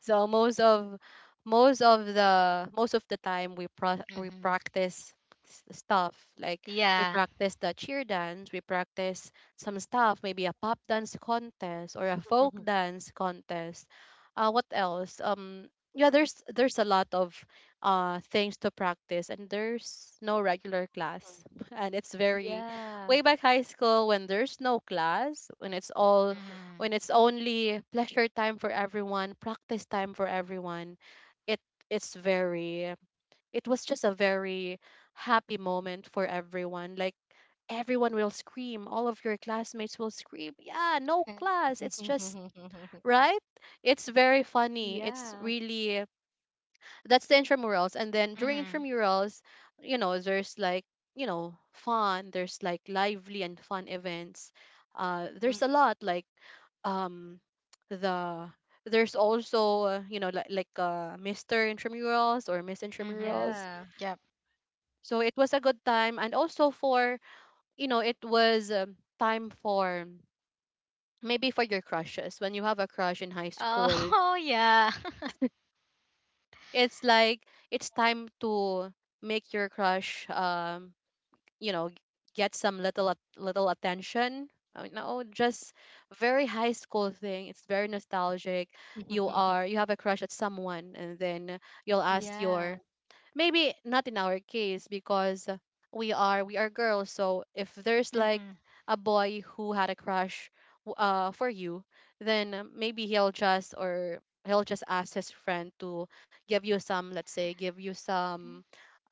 A: So most of the time we we
B: mm-hmm.
A: practice stuff like, we
B: Yeah.
A: practice the cheer dance, we practice some stuff, maybe a pop dance contest or a folk dance contest. What else? Yeah, there's a lot of things to practice, and there's no regular class, and it's very
C: Yeah.
A: way back high school when there's no class, when it's all,
B: Mm-hmm.
A: when it's only pleasure time for everyone, practice time for everyone, it it's very, it was just a very happy moment for everyone. Like everyone will scream, all of your classmates will scream, yeah, no class. It's just, right? It's very funny. It's
C: Yeah.
A: really, that's the intramurals. And then during
B: Mm-hmm.
A: intramurals, you know, there's like, you know, fun, there's like lively and fun events. There's a lot like, um the there's also, you know, like, mr intramurals or miss
B: Mm-hmm.
A: intramurals.
C: Yeah.
B: Yep.
A: So it was a good time, and also for, you know, it was, time for maybe for your crushes when you have a crush in high
B: Oh,
A: school.
B: oh yeah.
A: It's like, it's time to make your crush, you know, get some little attention. No just Very high school thing, it's very nostalgic. You are, you have a crush at someone, and then you'll ask
C: Yeah.
A: your, maybe not in our case, because we are, girls. So if there's like
B: Mm-hmm.
A: a boy who had a crush, for you, then, maybe he'll just, ask his friend to give you some, let's say give you some,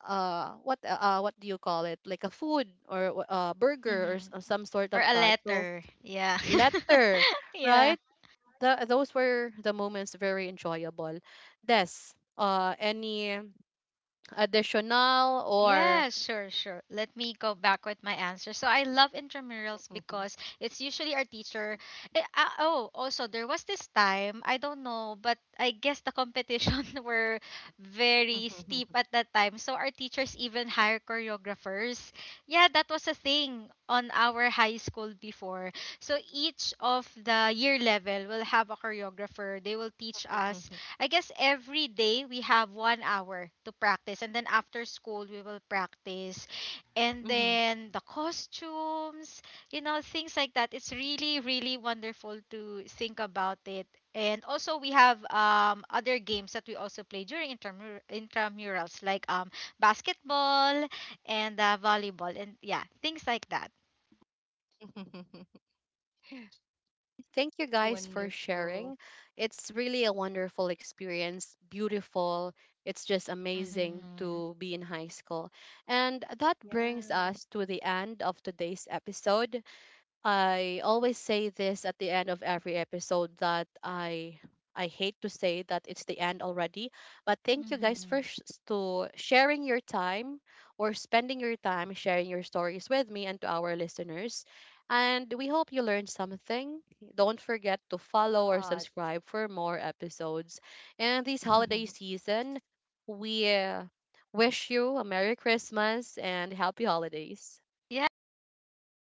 A: what do you call it, like a food or a burger, or
B: Mm-hmm.
A: or some sort
B: Or
A: of
B: a
A: that, so,
B: letter, yeah.
A: letter,
B: Yeah.
A: right? Those were the moments, very enjoyable. Des Any additional or,
B: Yeah, sure, sure. Let me go back with my answer. So I love intramurals because it's usually our teacher. Oh, also there was this time I don't know, but I guess the competition were very steep at that time. So our teachers even hire choreographers. Yeah, that was a thing on our high school before. So each of the year level will have a choreographer. They will teach us I guess every day we have 1 hour to practice, and then after school we will practice, and
C: Mhm.
B: then the costumes, you know, things like that. It's really, really wonderful to think about it. And also we have other games that we also play during intramurals, like basketball and volleyball, and yeah, things like that.
A: thank you guys for
C: Wonderful.
A: sharing. It's really a wonderful experience, beautiful. It's just amazing
B: Hmm.
A: to be in high school, and that brings
C: Yeah.
A: us to the end of today's episode. I always say this at the end of every episode that I hate to say that it's the end already, but thank you guys
B: Hmm.
A: for sh- to sharing your time, or spending your time sharing your stories with me and to our listeners. And we hope you learned something. Don't forget to follow or
C: God.
A: subscribe for more episodes. And this holiday season, we, wish you a Merry Christmas and Happy Holidays.
B: Yeah,
C: Happy
B: happy